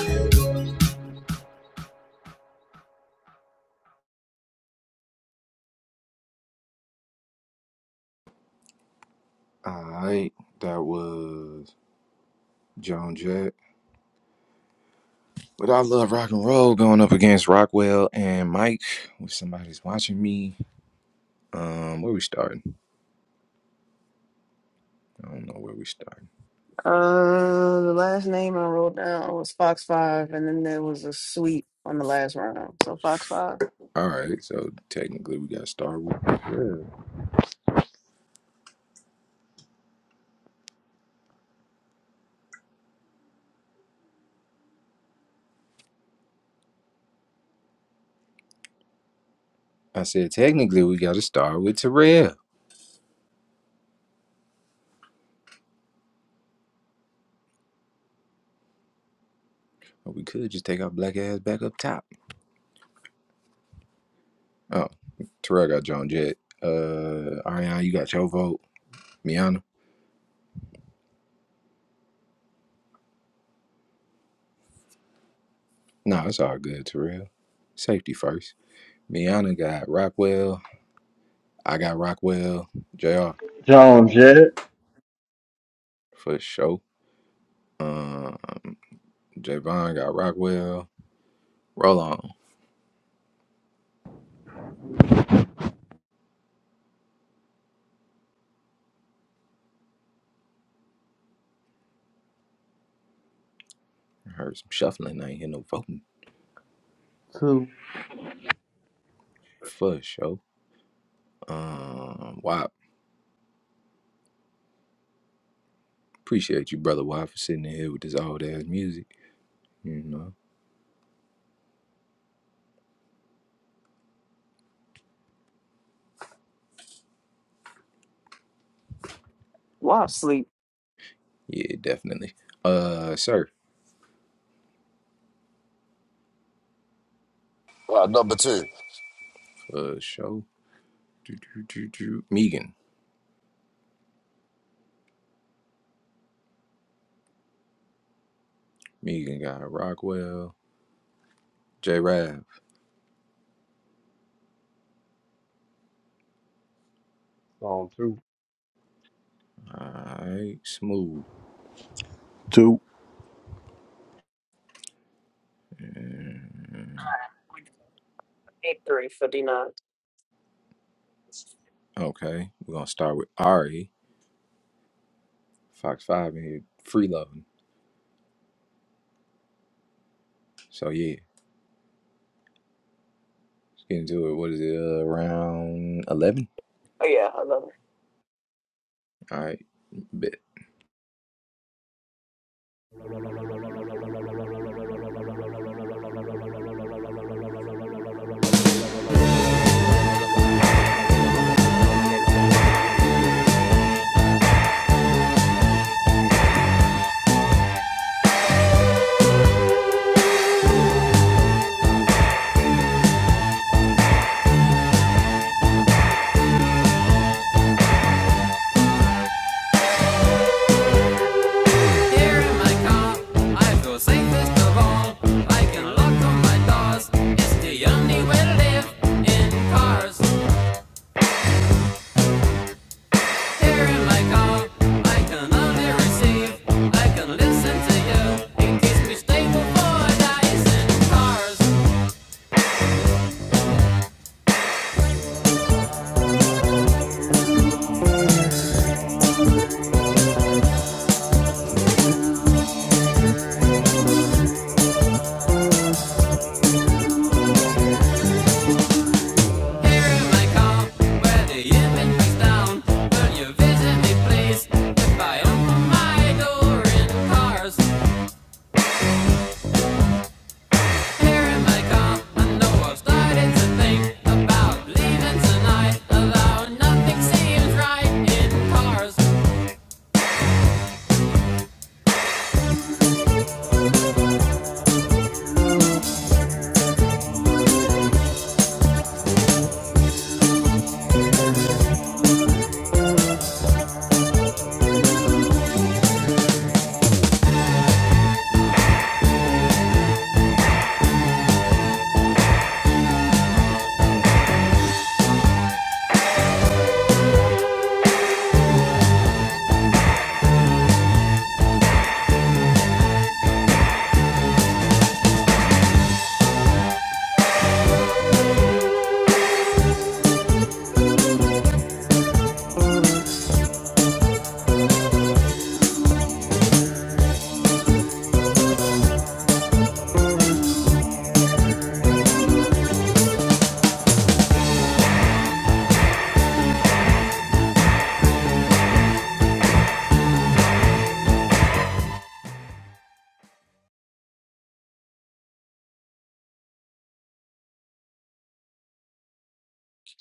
Speaker 6: Alright. That was Joan Jett. But I love rock and roll going up against Rockwell and Mike. If somebody's watching me. Um, where we starting? I don't know where we starting.
Speaker 7: Uh, the last name I wrote down was Fox Five, and then there was a sweep on the last round. So Fox Five.
Speaker 6: All right, so technically we got to start with. yeah. I said, technically, we got to start with Terrell. Or we could just take our black ass back up top. Oh, Terrell got John Jett. Uh, Ariana, you got your vote. Miana? Nah, it's all good, Terrell. Safety first. Miana got Rockwell. I got Rockwell. JR,
Speaker 9: Jones, yeah.
Speaker 6: for sure. Um, Javon got Rockwell. Roll on. I Heard some shuffling. I ain't hear no voting.
Speaker 1: two.
Speaker 6: For sure. Um, Wop. Appreciate you, brother Wop, for sitting in here with this old ass music. You know.
Speaker 7: Well, sleep.
Speaker 6: Yeah, definitely. Uh, sir.
Speaker 2: Ah, number two.
Speaker 6: Uh, show. Do, do, do, do. Megan. Megan got Rockwell. J. Rav.
Speaker 14: Song two.
Speaker 6: All right. Smooth.
Speaker 15: two.
Speaker 6: Mm,
Speaker 7: Eight three fifty nine.
Speaker 6: Okay. We're going to start with Ari. Fox 5 in here. Free loving. So, yeah. Let's get into it. What is it? Uh, round 11?
Speaker 7: Oh yeah, I love
Speaker 6: All right. Bet.
Speaker 13: Here in my car, I feel safest of all. I can lock all my doors. It's the only way to live in cars. Here in my car, I can only receive. I can listen to you. It keeps me stable for days in cars. Here in my car, where the image breaks down. Will you visit me, please? If I open my door in cars. Here in my car, I know I've started to think about leaving tonight. Although nothing seems right in cars.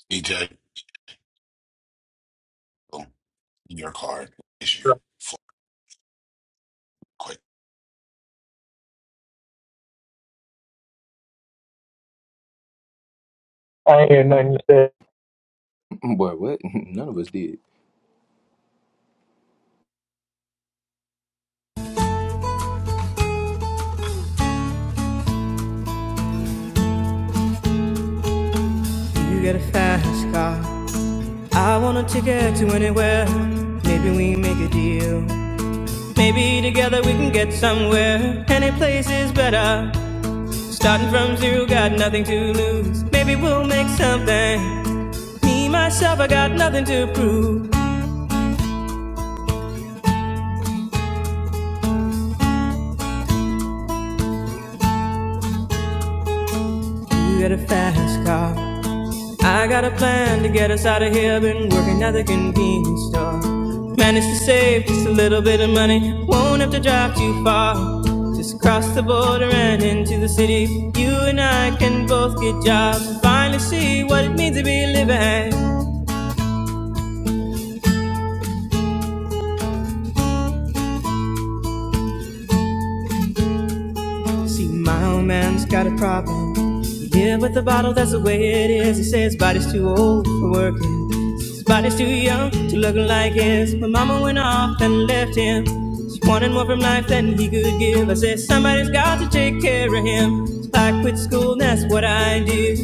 Speaker 4: EJ. Your card issue. for quick.
Speaker 17: I ain't nothing you said.
Speaker 6: Boy, what? (laughs) None of us did.
Speaker 11: You get a fast car. I want a ticket to anywhere. Maybe we make a deal. Maybe together we can get somewhere. Any place is better. Starting from zero, got nothing to lose. Maybe we'll make something. Me, myself, I got nothing to prove. You got a fast car. I got a plan to get us out of here. Been working at the convenience store. Managed to save just a little bit of money. Won't have to drive too far. Just cross the border and into the city. You and I can both get jobs and finally see what it means to be living. See, my old man's got a problem. He live with the bottle, that's the way it is. He says his body's too old for working. His body's too young to look like his. My mama went off and left him. She wanted more from life than he could give. I said, somebody's got to take care of him. So I quit school, and that's what I did.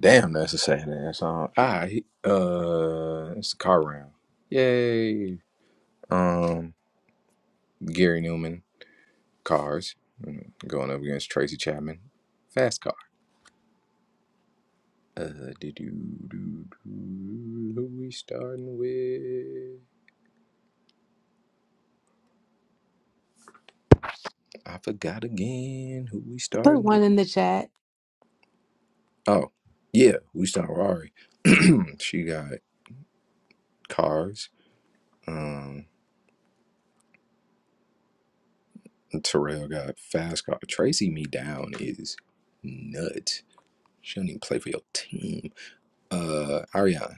Speaker 6: Damn, that's a sad ass song. All right. Uh, it's the car round. Yay. Um, Gary Newman. cars. Mm, Going up against Tracy Chapman. Fast car. Uh, did you do, do, who we starting with? I forgot again who we
Speaker 18: Put
Speaker 6: starting
Speaker 18: one
Speaker 6: with.
Speaker 18: in the chat.
Speaker 6: Oh, yeah, we starting with Ari. (clears throat) she got cars. Um, Terrell got fast car. Tracy me down is nuts. She don't even play for your team. Uh, Ariana,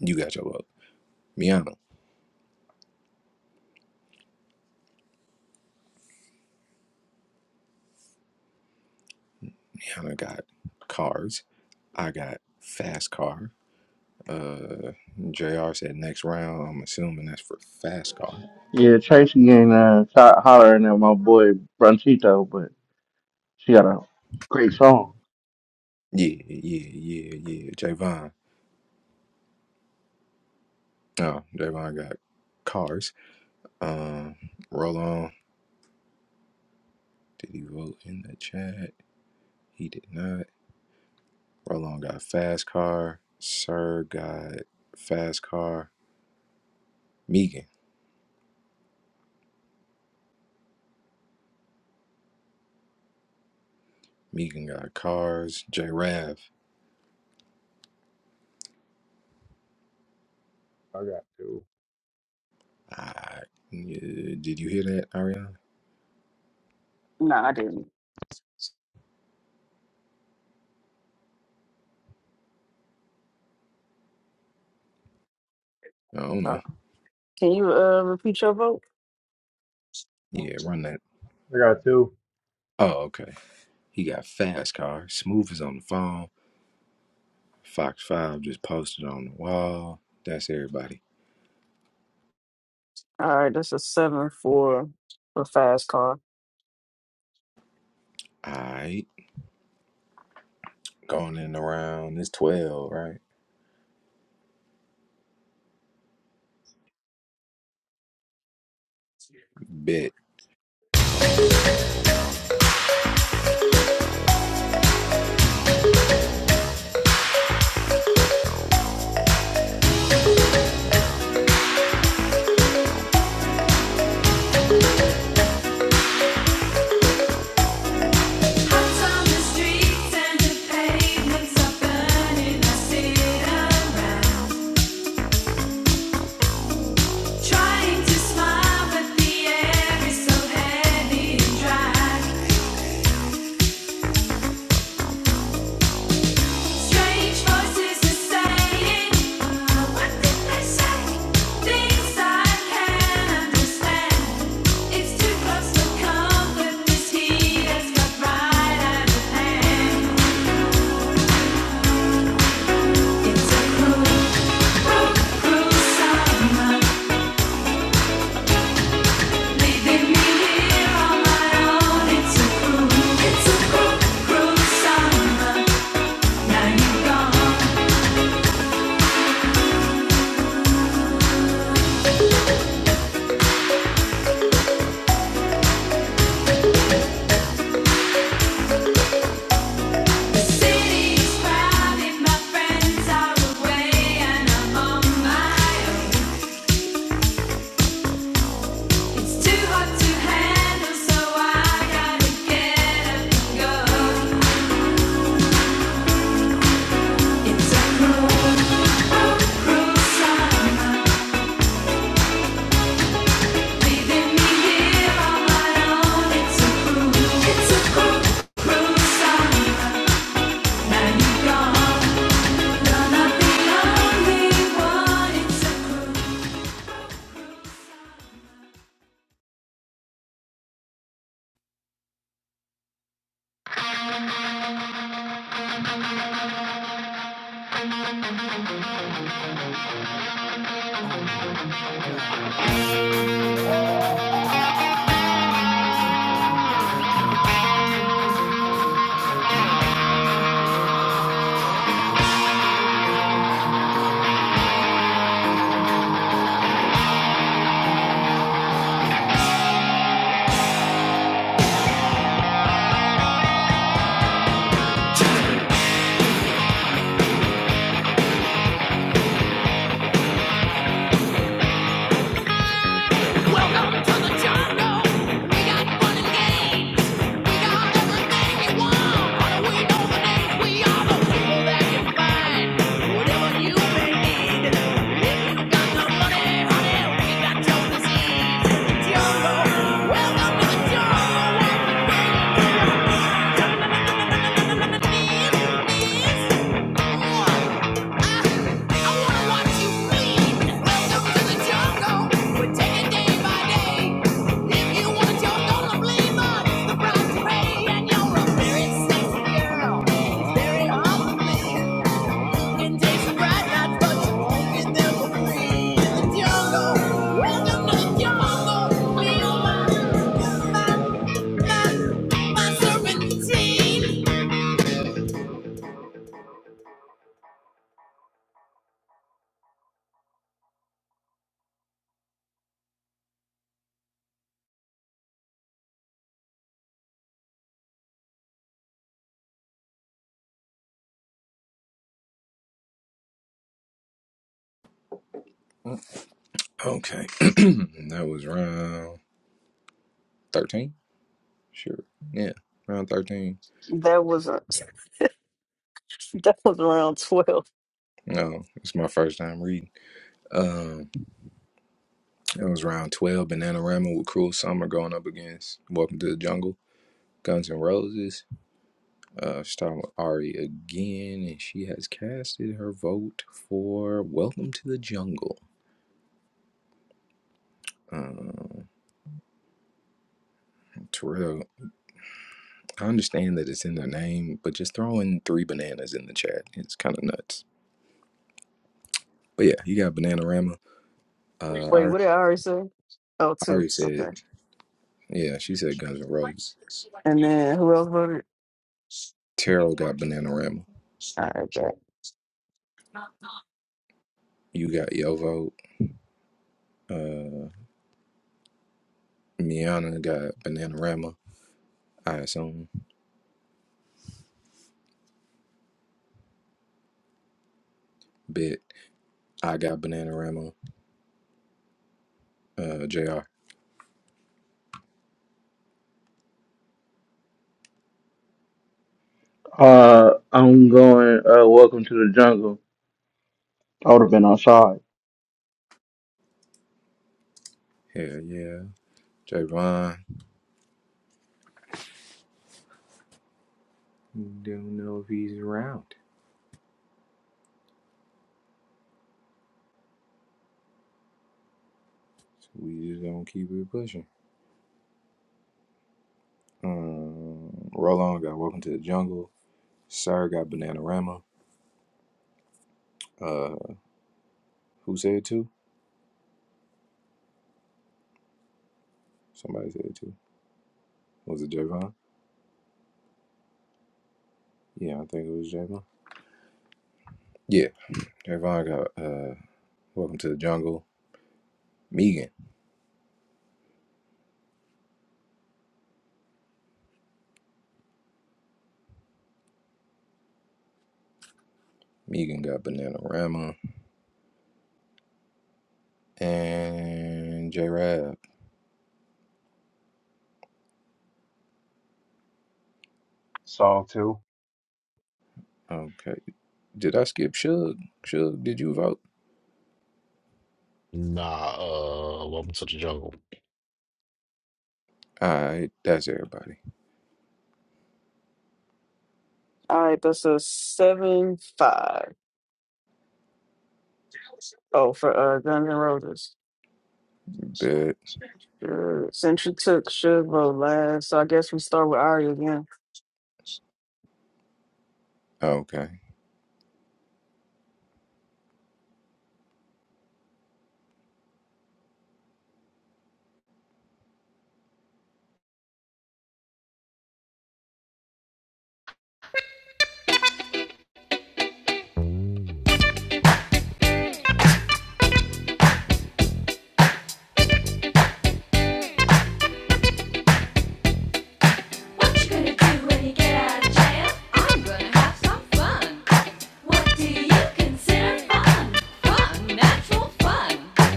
Speaker 6: you got your vote. Miana, Miana got cars. I got fast car. Uh, Jr. said next round. I'm assuming that's for fast car.
Speaker 9: Yeah, Tracy ain't uh, shot hollering at my boy Bronchito, but she got a great song.
Speaker 6: Yeah, yeah, yeah, yeah. Javon. Oh, Javon got cars. Um, roll on. Did he vote in the chat? He did not. Roll on got fast car. Sir got fast car. Megan. Megan got cars. J Rav.
Speaker 14: I got two.
Speaker 6: I, yeah, did you hear that, Ariana?
Speaker 7: it. No, I didn't.
Speaker 6: I don't
Speaker 7: Uh,
Speaker 6: know.
Speaker 7: can you uh repeat your vote?
Speaker 6: Yeah, run that.
Speaker 14: I got two.
Speaker 6: Oh, okay. He got fast car. Smooth is on the phone. Fox 5 just posted on the wall. That's everybody.
Speaker 7: All right, that's a seven for for fast car.
Speaker 6: All right. Going in around. It's 12, right? Bet. So,
Speaker 13: Strange voices are saying, "Well, what did they say? Things I can't understand. It's too close for comfort. This heat has got right out of hand. It's a cruel, cruel summer. It's a cruel, cruel summer. What you gonna
Speaker 11: Welcome to the jungle. We got fun and games. We got everything you want. How do we know the names? We are the people that can find whatever you may need. If you got the money, honey, we got your disease. Jungle. Welcome to the jungle. Welcome to the jungle, feel my, my, my, my serpentine.
Speaker 6: okay. (clears throat) that was round 13? Sure. Yeah. Round 13.
Speaker 7: That was a, (laughs) that was around twelve.
Speaker 6: No, it's my first time reading. Um, it was round 12. Bananarama with Cruel Summer going up against Welcome to the Jungle. Guns N' Roses. Uh, starting with Ari again, and she has casted her vote for Welcome to the Jungle. Um. Terrell, I understand that it's in their name, but just throwing three bananas in the chat, it's kind of nuts. But yeah, you got Bananarama. Uh,
Speaker 7: Wait,
Speaker 6: I,
Speaker 7: what
Speaker 6: I
Speaker 7: did I already say? Oh, two.
Speaker 6: already said,
Speaker 7: Okay,
Speaker 6: yeah, she said Guns N' Roses.
Speaker 7: and then who else voted?
Speaker 6: Terrell got Bananarama.
Speaker 7: All right, Jack.
Speaker 6: You got Yovo. Uh, Miana got Bananarama, I assume. Bit. I got Bananarama. Uh, JR.
Speaker 9: Uh, I'm going, uh, Welcome to the Jungle. I would have been outside.
Speaker 6: Hell yeah. Javon. Don't know if he's around. So we just gonna keep it pushing. Um, Roll on, got Welcome to the Jungle. Sire got Bananarama. Uh, who said it two? Somebody said it two. Was it Javon? Yeah, I think it was Javon. Yeah, Javon got uh, Welcome to the Jungle. Megan. Megan got Bananarama. And J Rab.
Speaker 14: Song two.
Speaker 6: Okay. Did I skip Suge? Suge, did you vote?
Speaker 19: Nah, uh, welcome to the jungle.
Speaker 6: All right, that's everybody.
Speaker 7: All right, that's a seven five. Oh, for uh Guns N' Roses.
Speaker 6: Bet.
Speaker 7: Sure. Since you took should vote last, so I guess we start with Ari again.
Speaker 6: Okay.
Speaker 13: do when you get out of jail? I'm gonna have some fun. What do you consider fun? Fun, natural Fun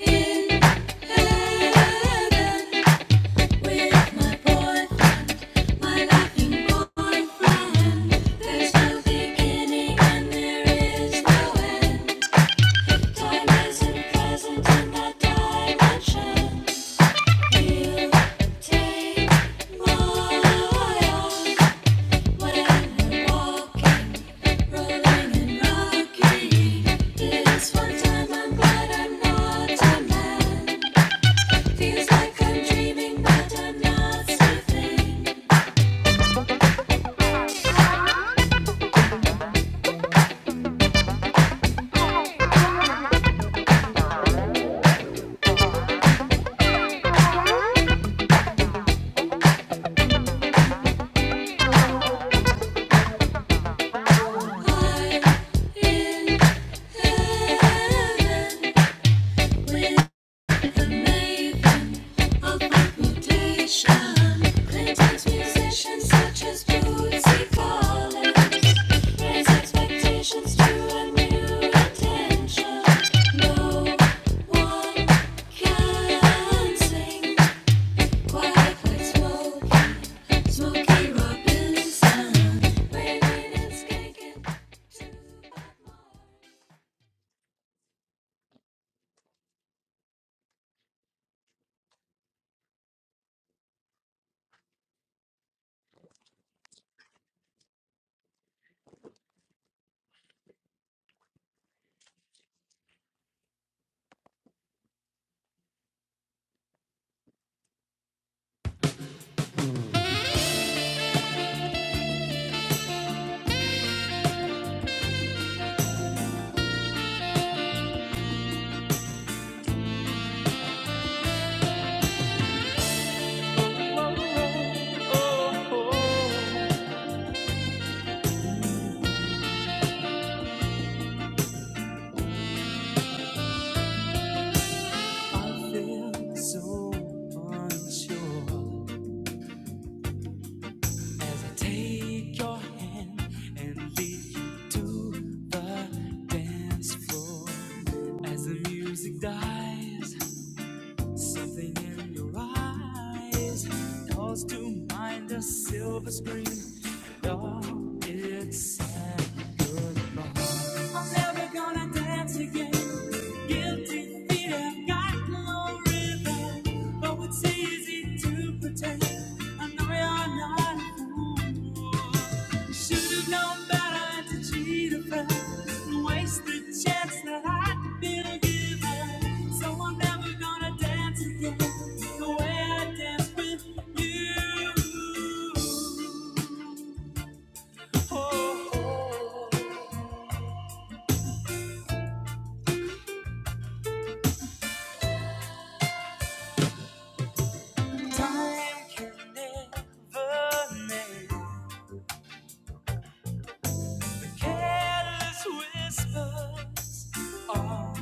Speaker 13: in heaven with my boy, my laughing boyfriend. There's no beginning and there is no end. Time isn't present in that dimension. With the maven of reputation. Playback's musicians such as Bootsy Collins raise expectations to a new attention. No one can sing quite like Smoke, Smokey Robinson. Waving and skanking to Bob Marley.
Speaker 11: So unsure. As I take your hand and lead to a dance floor. As the music dies, something in your eyes calls to mind a silver screen. And all it's says. I'm never gonna dance again. Guilty feet have got no rhythm, though it's easy to pretend. I know you're not a fool. You Should have known better to cheat a friend and waste the chance that I'd been given. So I'm never gonna dance again the way I danced with you. Oh, oh. Time can never mend the careless whisper of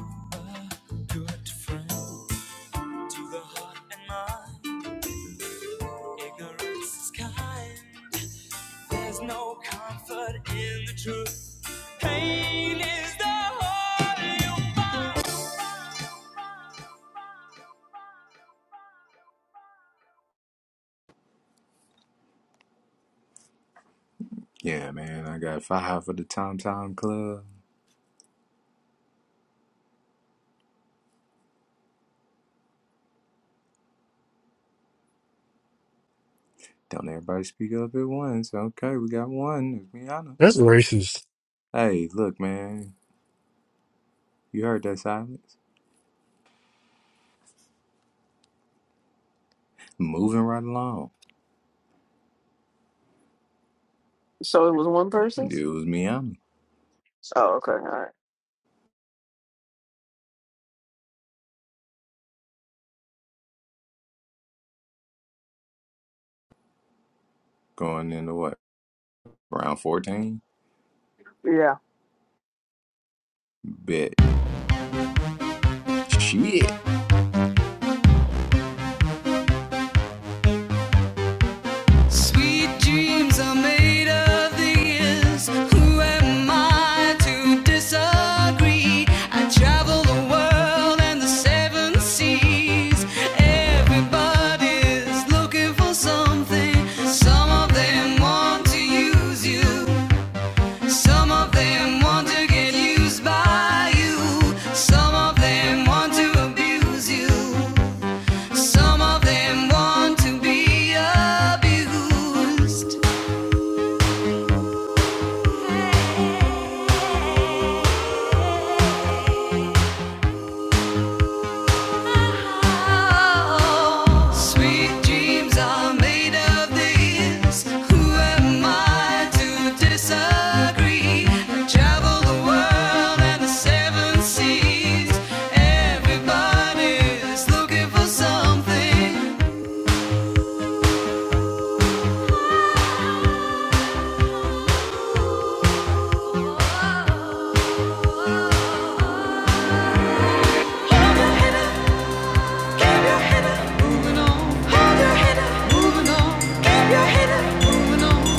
Speaker 11: a good friend to the heart and mind. Ignorance is kind. There's no comfort in the truth. Pain is the whole
Speaker 6: Yeah, man, I got five for the Tom Tom Club. Don't everybody speak up at once. Okay, we got one. It's Miana. Hey, look, man. You heard that silence? Moving right along.
Speaker 7: So it was one person.
Speaker 6: It was Miami
Speaker 7: Oh, okay. All right.
Speaker 6: going into what? Round 14?
Speaker 7: Yeah,
Speaker 6: Bet. Shit.
Speaker 13: Sweet dreams are made of these. Who am I to disagree? I travel the world and the seven seas. Everybody's looking for something. Some of them want to use you. Some of them want to get used by you. Some of them want to abuse you. Some of them want to be abused. Sweet dreams are made of this. Who am I to disagree? travel the world to sense Everybody's looking something. Head on, moving on and on.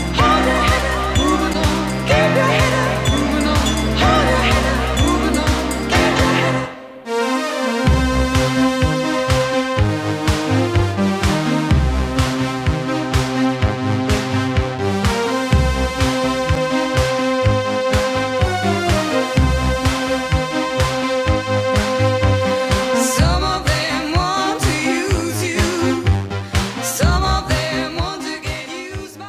Speaker 13: Use my.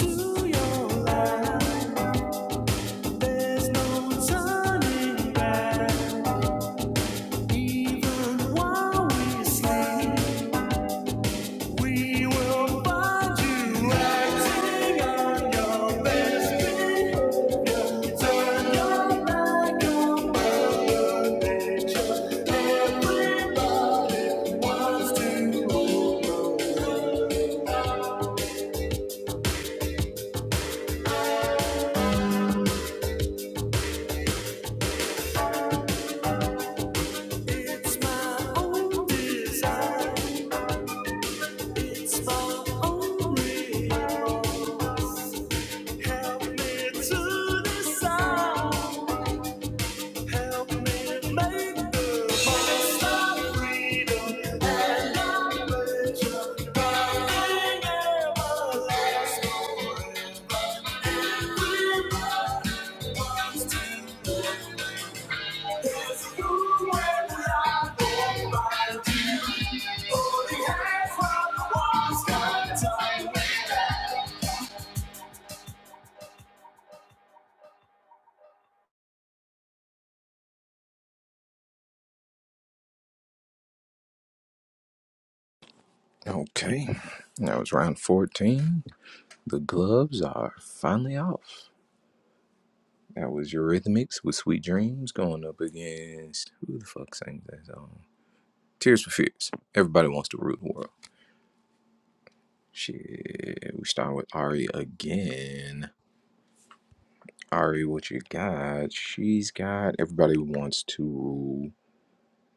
Speaker 11: you. blew. There's no turning. Even while we sleep, we will find you on this. That's my only. I
Speaker 6: Okay. That was round 14. The gloves are finally off. That was Eurythmics with Sweet Dreams going up against. Who the fuck sang that song? Tears for Fears. Everybody wants to rule the world. Shit. We start with Ari again. Ari, what you got? She's got. Everybody wants to rule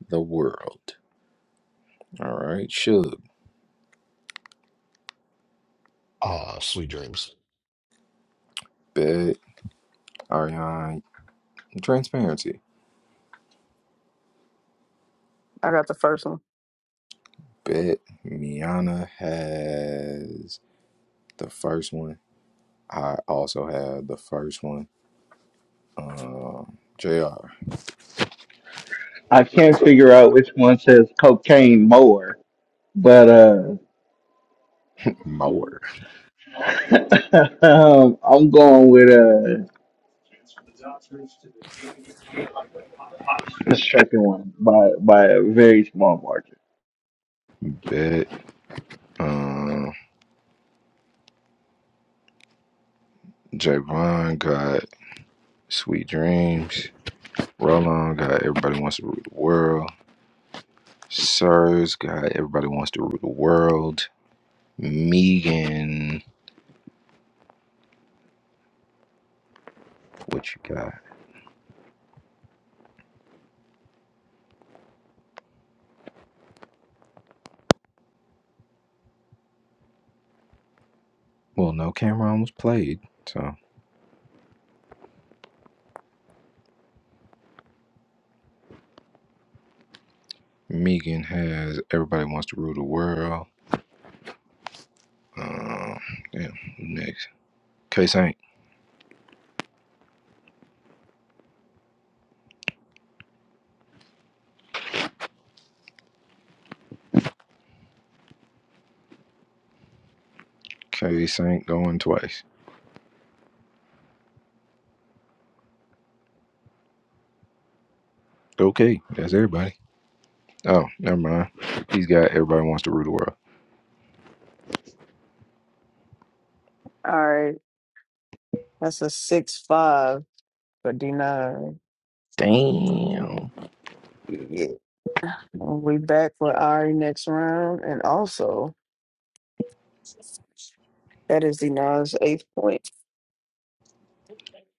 Speaker 6: the world. All right, should
Speaker 19: Ah, sweet dreams.
Speaker 6: bet Ariana transparency.
Speaker 7: I got the first one.
Speaker 6: Bet Miana has the first one. I also have the first one. Um, Jr.
Speaker 9: I can't figure out which one says cocaine more, but, uh,
Speaker 6: Mower
Speaker 9: (laughs) um, I'm going with, uh, the second one by, by a very small margin.
Speaker 6: Bet um, Javon got Sweet Dreams. Roland got Everybody Wants to Rule the World. Sirs got Everybody Wants to Rule the World. Megan, what you got? Well, no, Cameron was played. so. Megan has Everybody Wants to Rule the World. Um, yeah, who next? K Saint. K Saint going twice. Okay, that's everybody. Oh, never mind. He's got Everybody Wants to Rule the World.
Speaker 7: All right, that's a six five for D nine.
Speaker 6: Damn.
Speaker 7: Yeah, we back for Ari next round, and also that is D nine's eighth point.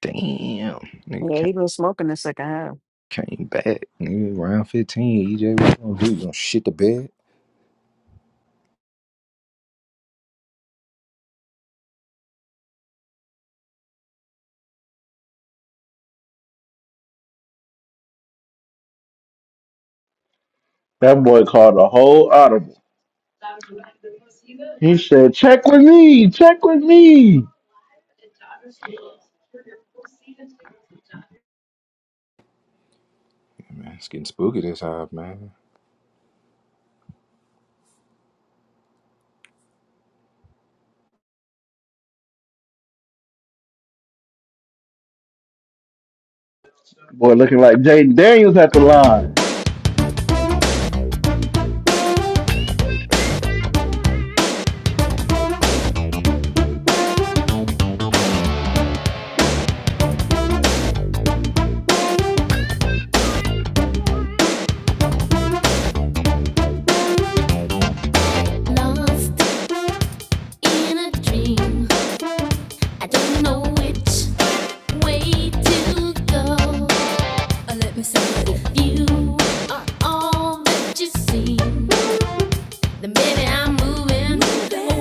Speaker 6: Damn. Nigga
Speaker 7: Yeah,
Speaker 6: ca-
Speaker 7: he been smoking the second half.
Speaker 6: came back. Nigga, round 15. EJ, what you gonna do? You gonna shit the bed?
Speaker 9: That boy called a whole audible. He said, "Check with me, check with me."
Speaker 6: Man, it's getting spooky this high, man.
Speaker 9: Boy, looking like Jaden Daniels at the line.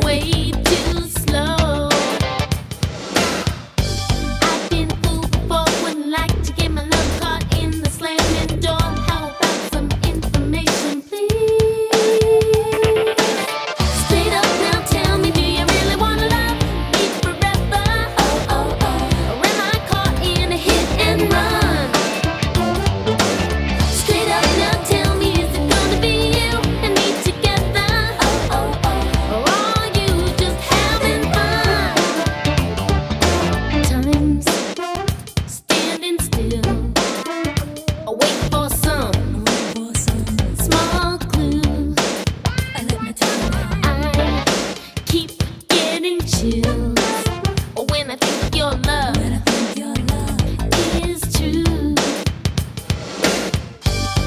Speaker 13: Way too slow. I've been fool for would like to get my love caught in the slamming door. How about some information, please? Straight up now, tell me, do you really wanna love me forever? Oh oh oh, am I caught in a hit and run? Straight up now, tell me, is it gonna be you and me together? Oh oh oh, or are you just having fun? Time's standing still. Wait for some small clues. I keep getting chills when I think your love is true.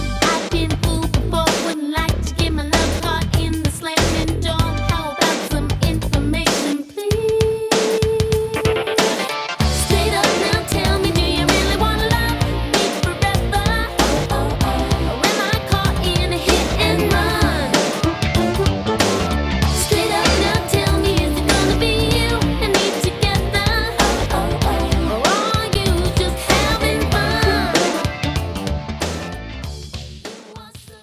Speaker 13: I've been fooled before. Wouldn't like to get my love caught in the slamming door. How about some information, please? Straight up now, tell me, do you really wanna love me forever? Or am I caught in a hit and run? Straight up tell me, is it gonna be you and me together? Or are you just having fun? so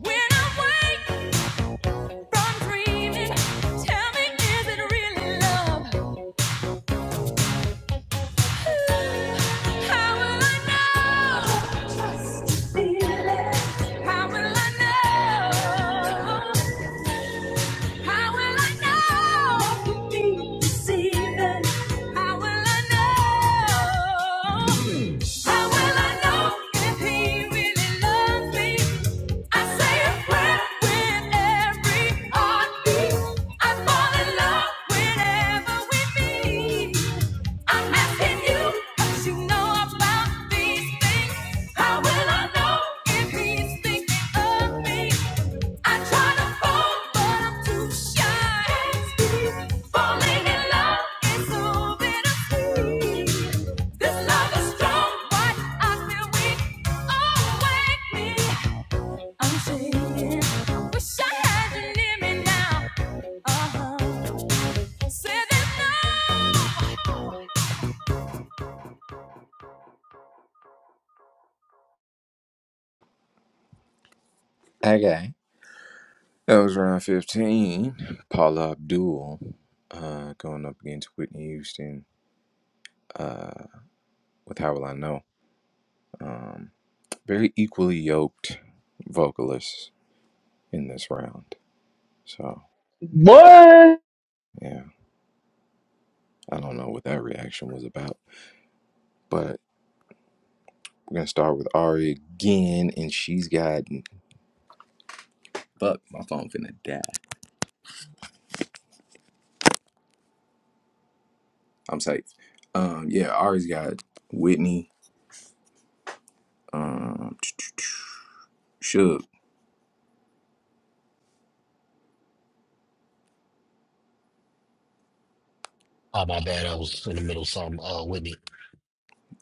Speaker 11: When I wake from dreaming, Tell me, is it really love? How will I know? Just feel it. How will I know? How will I know? I can deceiving. How will I know? How will I know if he really loves me? I say a prayer with every heartbeat. I fall in love whenever we meet so Oh, Uh huh.
Speaker 6: Okay. That was round 15. Paula Abdul uh, going up against Whitney Houston. Uh, with How Will I Know? um, very equally yoked vocalists in this round. So,
Speaker 9: Boy,
Speaker 6: yeah, I don't know what that reaction was about, but we're gonna start with Ari again, and she's got fuck my phone finna die. I'm safe. Um, yeah, Ari's got Whitney, um, Suge,
Speaker 19: Ah, my bad. I was in the middle of something. Uh, Whitney.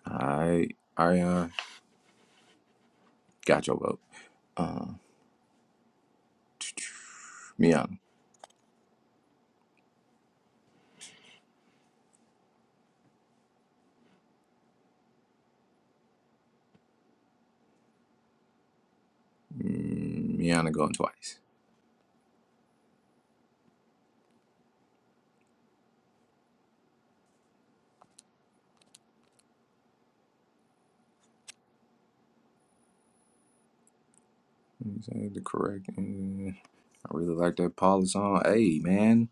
Speaker 6: I, Ariana, got your vote. Um, Miana, Mm, Miana going twice. Is that the correct? Mm, I really like that Paula song. Hey man,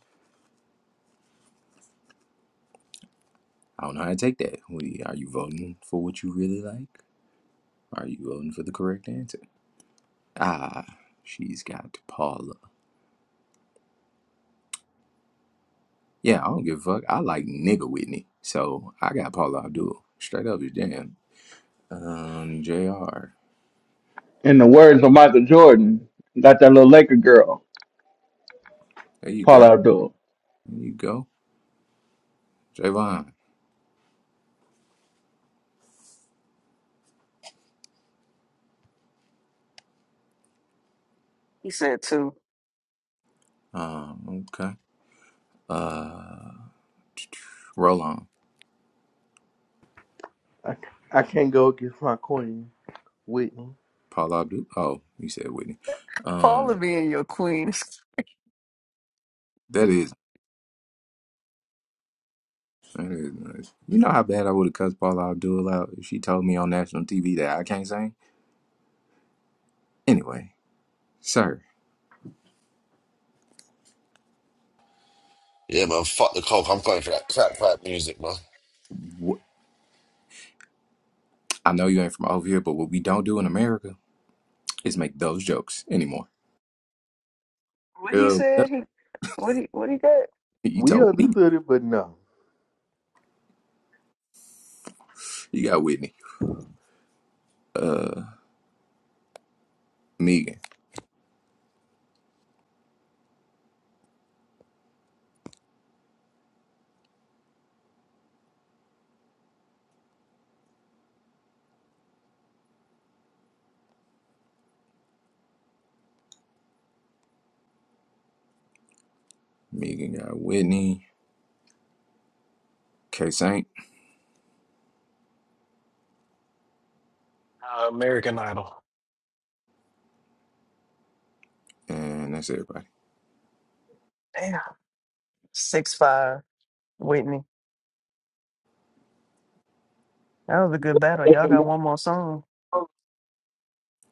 Speaker 6: I don't know how to take that. What do you- Are you voting for what you really like? Are you voting for the correct answer? Ah, she's got Paula. Yeah, I don't give a fuck. I like nigga Whitney. So I got Paula Abdul. Straight up is damn. Um, JR.
Speaker 9: in the words of Michael Jordan, got that little Laker girl,
Speaker 6: There you
Speaker 9: Paula
Speaker 6: go.
Speaker 9: Abdul.
Speaker 6: There you go. Javon.
Speaker 7: He said two.
Speaker 6: Um, okay. Uh, (tsk) roll on.
Speaker 1: I, I can't go against my queen, Whitney.
Speaker 6: Paula Abdul. Oh, you said Whitney. Um,
Speaker 7: Follow me and your queen. (laughs)
Speaker 6: that is. That is nice. You know how bad I would have cussed Paula Abdul out if she told me on national TV that I can't sing? Anyway, sir,
Speaker 2: Yeah, man. Fuck the coke. I'm going for that clap clap music, man.
Speaker 6: wh- I know you ain't from over here, but what we don't do in America is make those jokes anymore.
Speaker 7: What he
Speaker 6: Uh, well,
Speaker 7: said? He what he what he got?
Speaker 6: you
Speaker 1: We
Speaker 6: told me.
Speaker 1: understood it, but no.
Speaker 6: You got Whitney. Uh, Megan. Megan got Whitney, K Saint,
Speaker 16: Uh, American Idol.
Speaker 6: and that's everybody.
Speaker 7: Damn, six five. Whitney, that was a good battle. Y'all got one more song.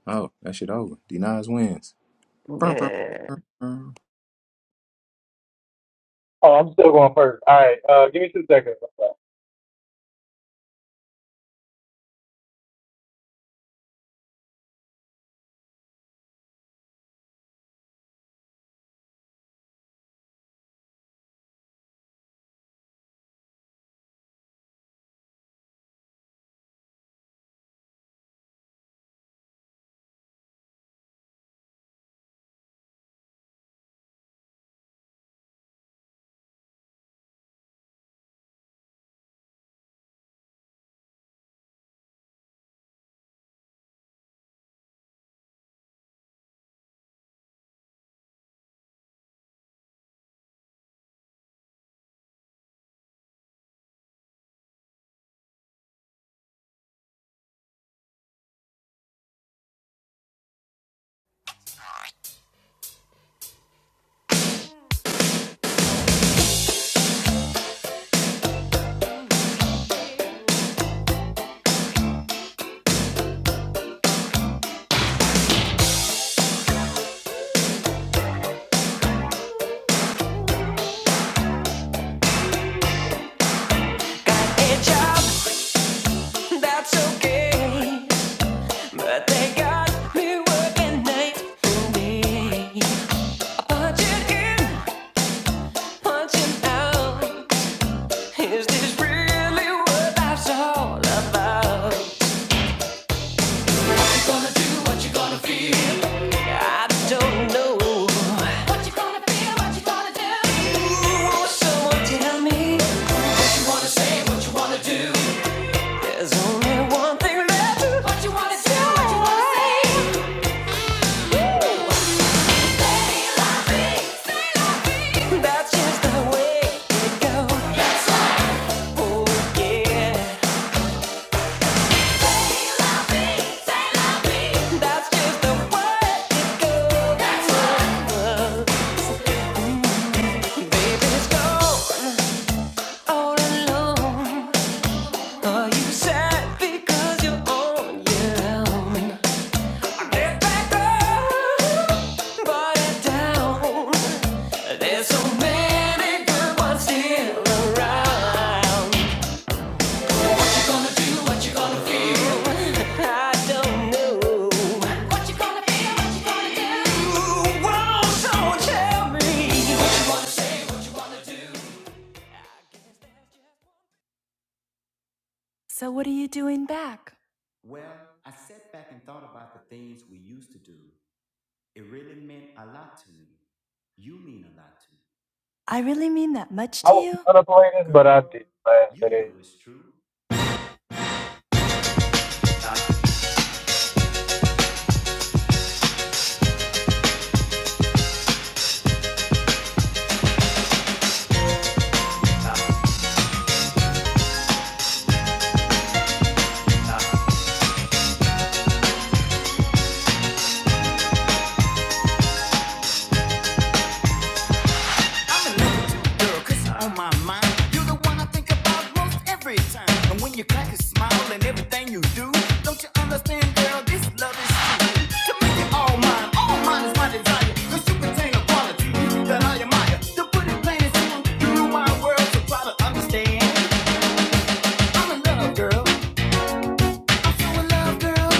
Speaker 6: Oh, that shit over. D Nice wins. Brum, brum,
Speaker 7: Yeah,
Speaker 6: brum, brum.
Speaker 17: Oh, I'm still going first. All right, uh, give me two seconds.
Speaker 13: What you gonna do, what you wanna say. Yeah, you are down. Let go, There's so many good ones still around. No, no. Ooh, whoa, so tell me.
Speaker 11: So what are you doing back? I really.
Speaker 17: I was
Speaker 11: I'm
Speaker 17: gonna play this, but I did last today.
Speaker 11: in love with you, girl, cause you're on my mind. You're the one I think about most every time. And when you crack a smile and everything you do, don't you understand, girl, this love is true. To make it all mine, all mine is my desire. Cause you contain a quality that I admire. To put it plain and simple, you rule my world, so try to understand. I'm in love, girl. I'm so in love, girl.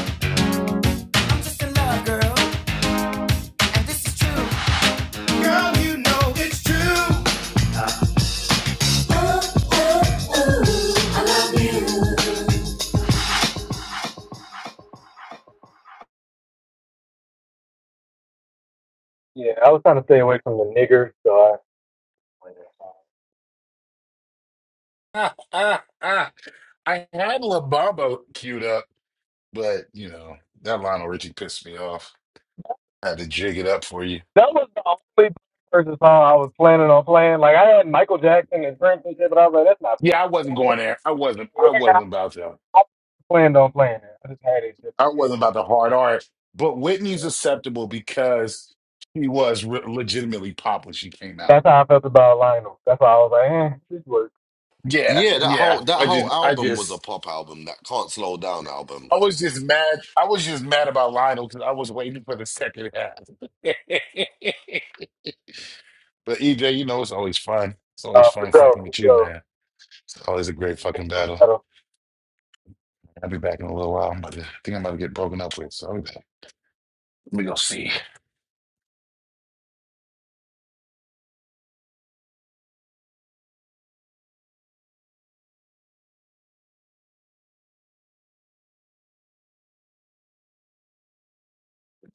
Speaker 11: I'm just in love, girl. And this is true. Girl, you know it's true.
Speaker 17: Yeah, I was trying to stay away from the nigger, so I. played That song.
Speaker 4: Ah, ah, ah. (laughs) I had La Bamba queued up, but you know, that Lionel Richie pissed me off. I had to jig it up for you.
Speaker 17: That was the only person song I was planning on playing. Like I had Michael Jackson and Prince and shit, but I was like, that's not fair.
Speaker 4: Yeah, I wasn't going there. I wasn't I
Speaker 17: Yeah,
Speaker 4: wasn't about that.
Speaker 17: I planned on playing it. I just had it just
Speaker 4: I
Speaker 17: in case.
Speaker 4: wasn't about the hard art. But
Speaker 17: Yeah.
Speaker 4: Whitney's acceptable because she was re- legitimately pop when she came out.
Speaker 17: That's how I felt about Lionel. That's why I was like, eh, this works.
Speaker 4: Yeah,
Speaker 2: Yeah, that
Speaker 4: yeah.
Speaker 2: whole that
Speaker 4: I just
Speaker 2: whole
Speaker 4: I
Speaker 2: album was a
Speaker 4: just
Speaker 2: pop album. That can't slow down album.
Speaker 4: I was just mad. I was just mad about Lionel because I was waiting for the second half. (laughs) But EJ, you know, it's always fun. It's always
Speaker 17: Uh, for
Speaker 4: fun fucking with you,
Speaker 17: sure,
Speaker 4: man. It's always a great
Speaker 17: for
Speaker 4: fucking battle.
Speaker 17: sure.
Speaker 4: I'll be back in a little while. I'm about to, I think I'm about to get broken up with, so I'll be back. Let me go see.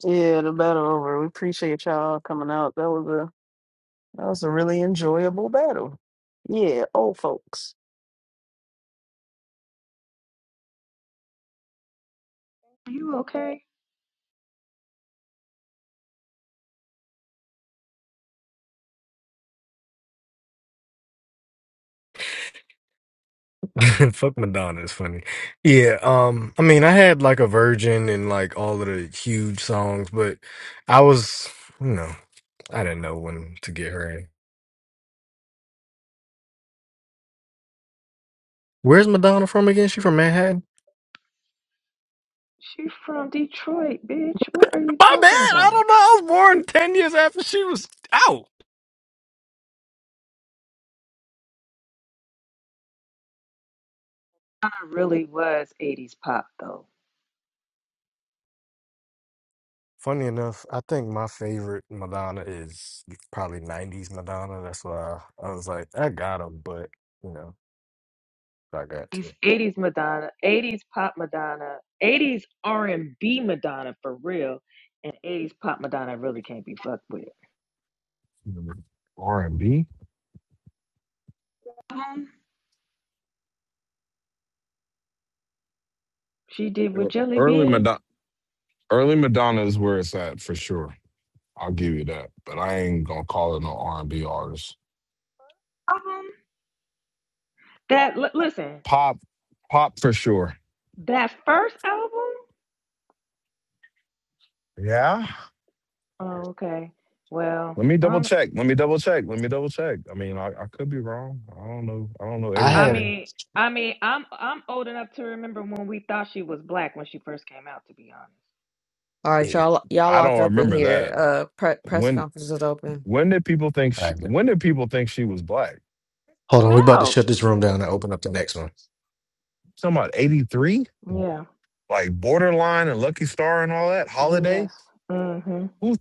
Speaker 7: yeah, the battle over. We appreciate y'all coming out. That was a That was a really enjoyable battle. Yeah, old folks.
Speaker 20: You okay?
Speaker 17: (laughs) Fuck Madonna is funny. Yeah, um, I mean, I had like a Virgin and like all of the huge songs, but I was, you know, I didn't know when to get her in. Where's Madonna from again? She from Manhattan?
Speaker 20: She from Detroit, bitch. What are you
Speaker 17: My bad.
Speaker 20: talking
Speaker 17: I
Speaker 20: about?
Speaker 17: don't know.
Speaker 20: I really was 80s pop though.
Speaker 17: But you know, I got
Speaker 20: These
Speaker 17: to.
Speaker 20: 80s Madonna, 80s pop Madonna, 80s R&B Madonna for real, and 80s pop Madonna really can't be fucked with.
Speaker 21: R and B.
Speaker 20: Um, she did with Jelly
Speaker 21: Early
Speaker 20: Bean.
Speaker 21: Madonna, early Madonna is where it's at for sure. I'll give you that, but I ain't gonna call it no R and B artist.
Speaker 20: Um, that li- listen,
Speaker 21: Pop, pop for sure.
Speaker 20: that first album.
Speaker 21: Yeah.
Speaker 20: Oh, okay. Well,
Speaker 21: Let me double
Speaker 20: um,
Speaker 21: check. Let me double check. Let me double check. I mean, I, I could be wrong. I don't know. I don't know
Speaker 17: I
Speaker 20: I
Speaker 17: had.
Speaker 21: everything.
Speaker 20: mean, I mean, I'm I'm old enough to remember when we thought she was black when she first came out. To be honest.
Speaker 8: All right,
Speaker 17: Yeah,
Speaker 8: y'all, y'all
Speaker 21: I
Speaker 8: lock
Speaker 21: don't
Speaker 8: up in
Speaker 21: remember
Speaker 8: here.
Speaker 21: that.
Speaker 8: Uh, pre- press
Speaker 21: When
Speaker 8: conference is open.
Speaker 21: when did people think
Speaker 17: I
Speaker 21: she,
Speaker 17: got.
Speaker 21: when did people think she was black?
Speaker 17: Hold on, we about to
Speaker 20: out.
Speaker 17: shut this room down and open up the next one.
Speaker 21: Talking about eighty three,
Speaker 20: Yeah.
Speaker 21: like borderline and Lucky Star and all that. Holiday.
Speaker 20: Yes. hmm
Speaker 21: Who?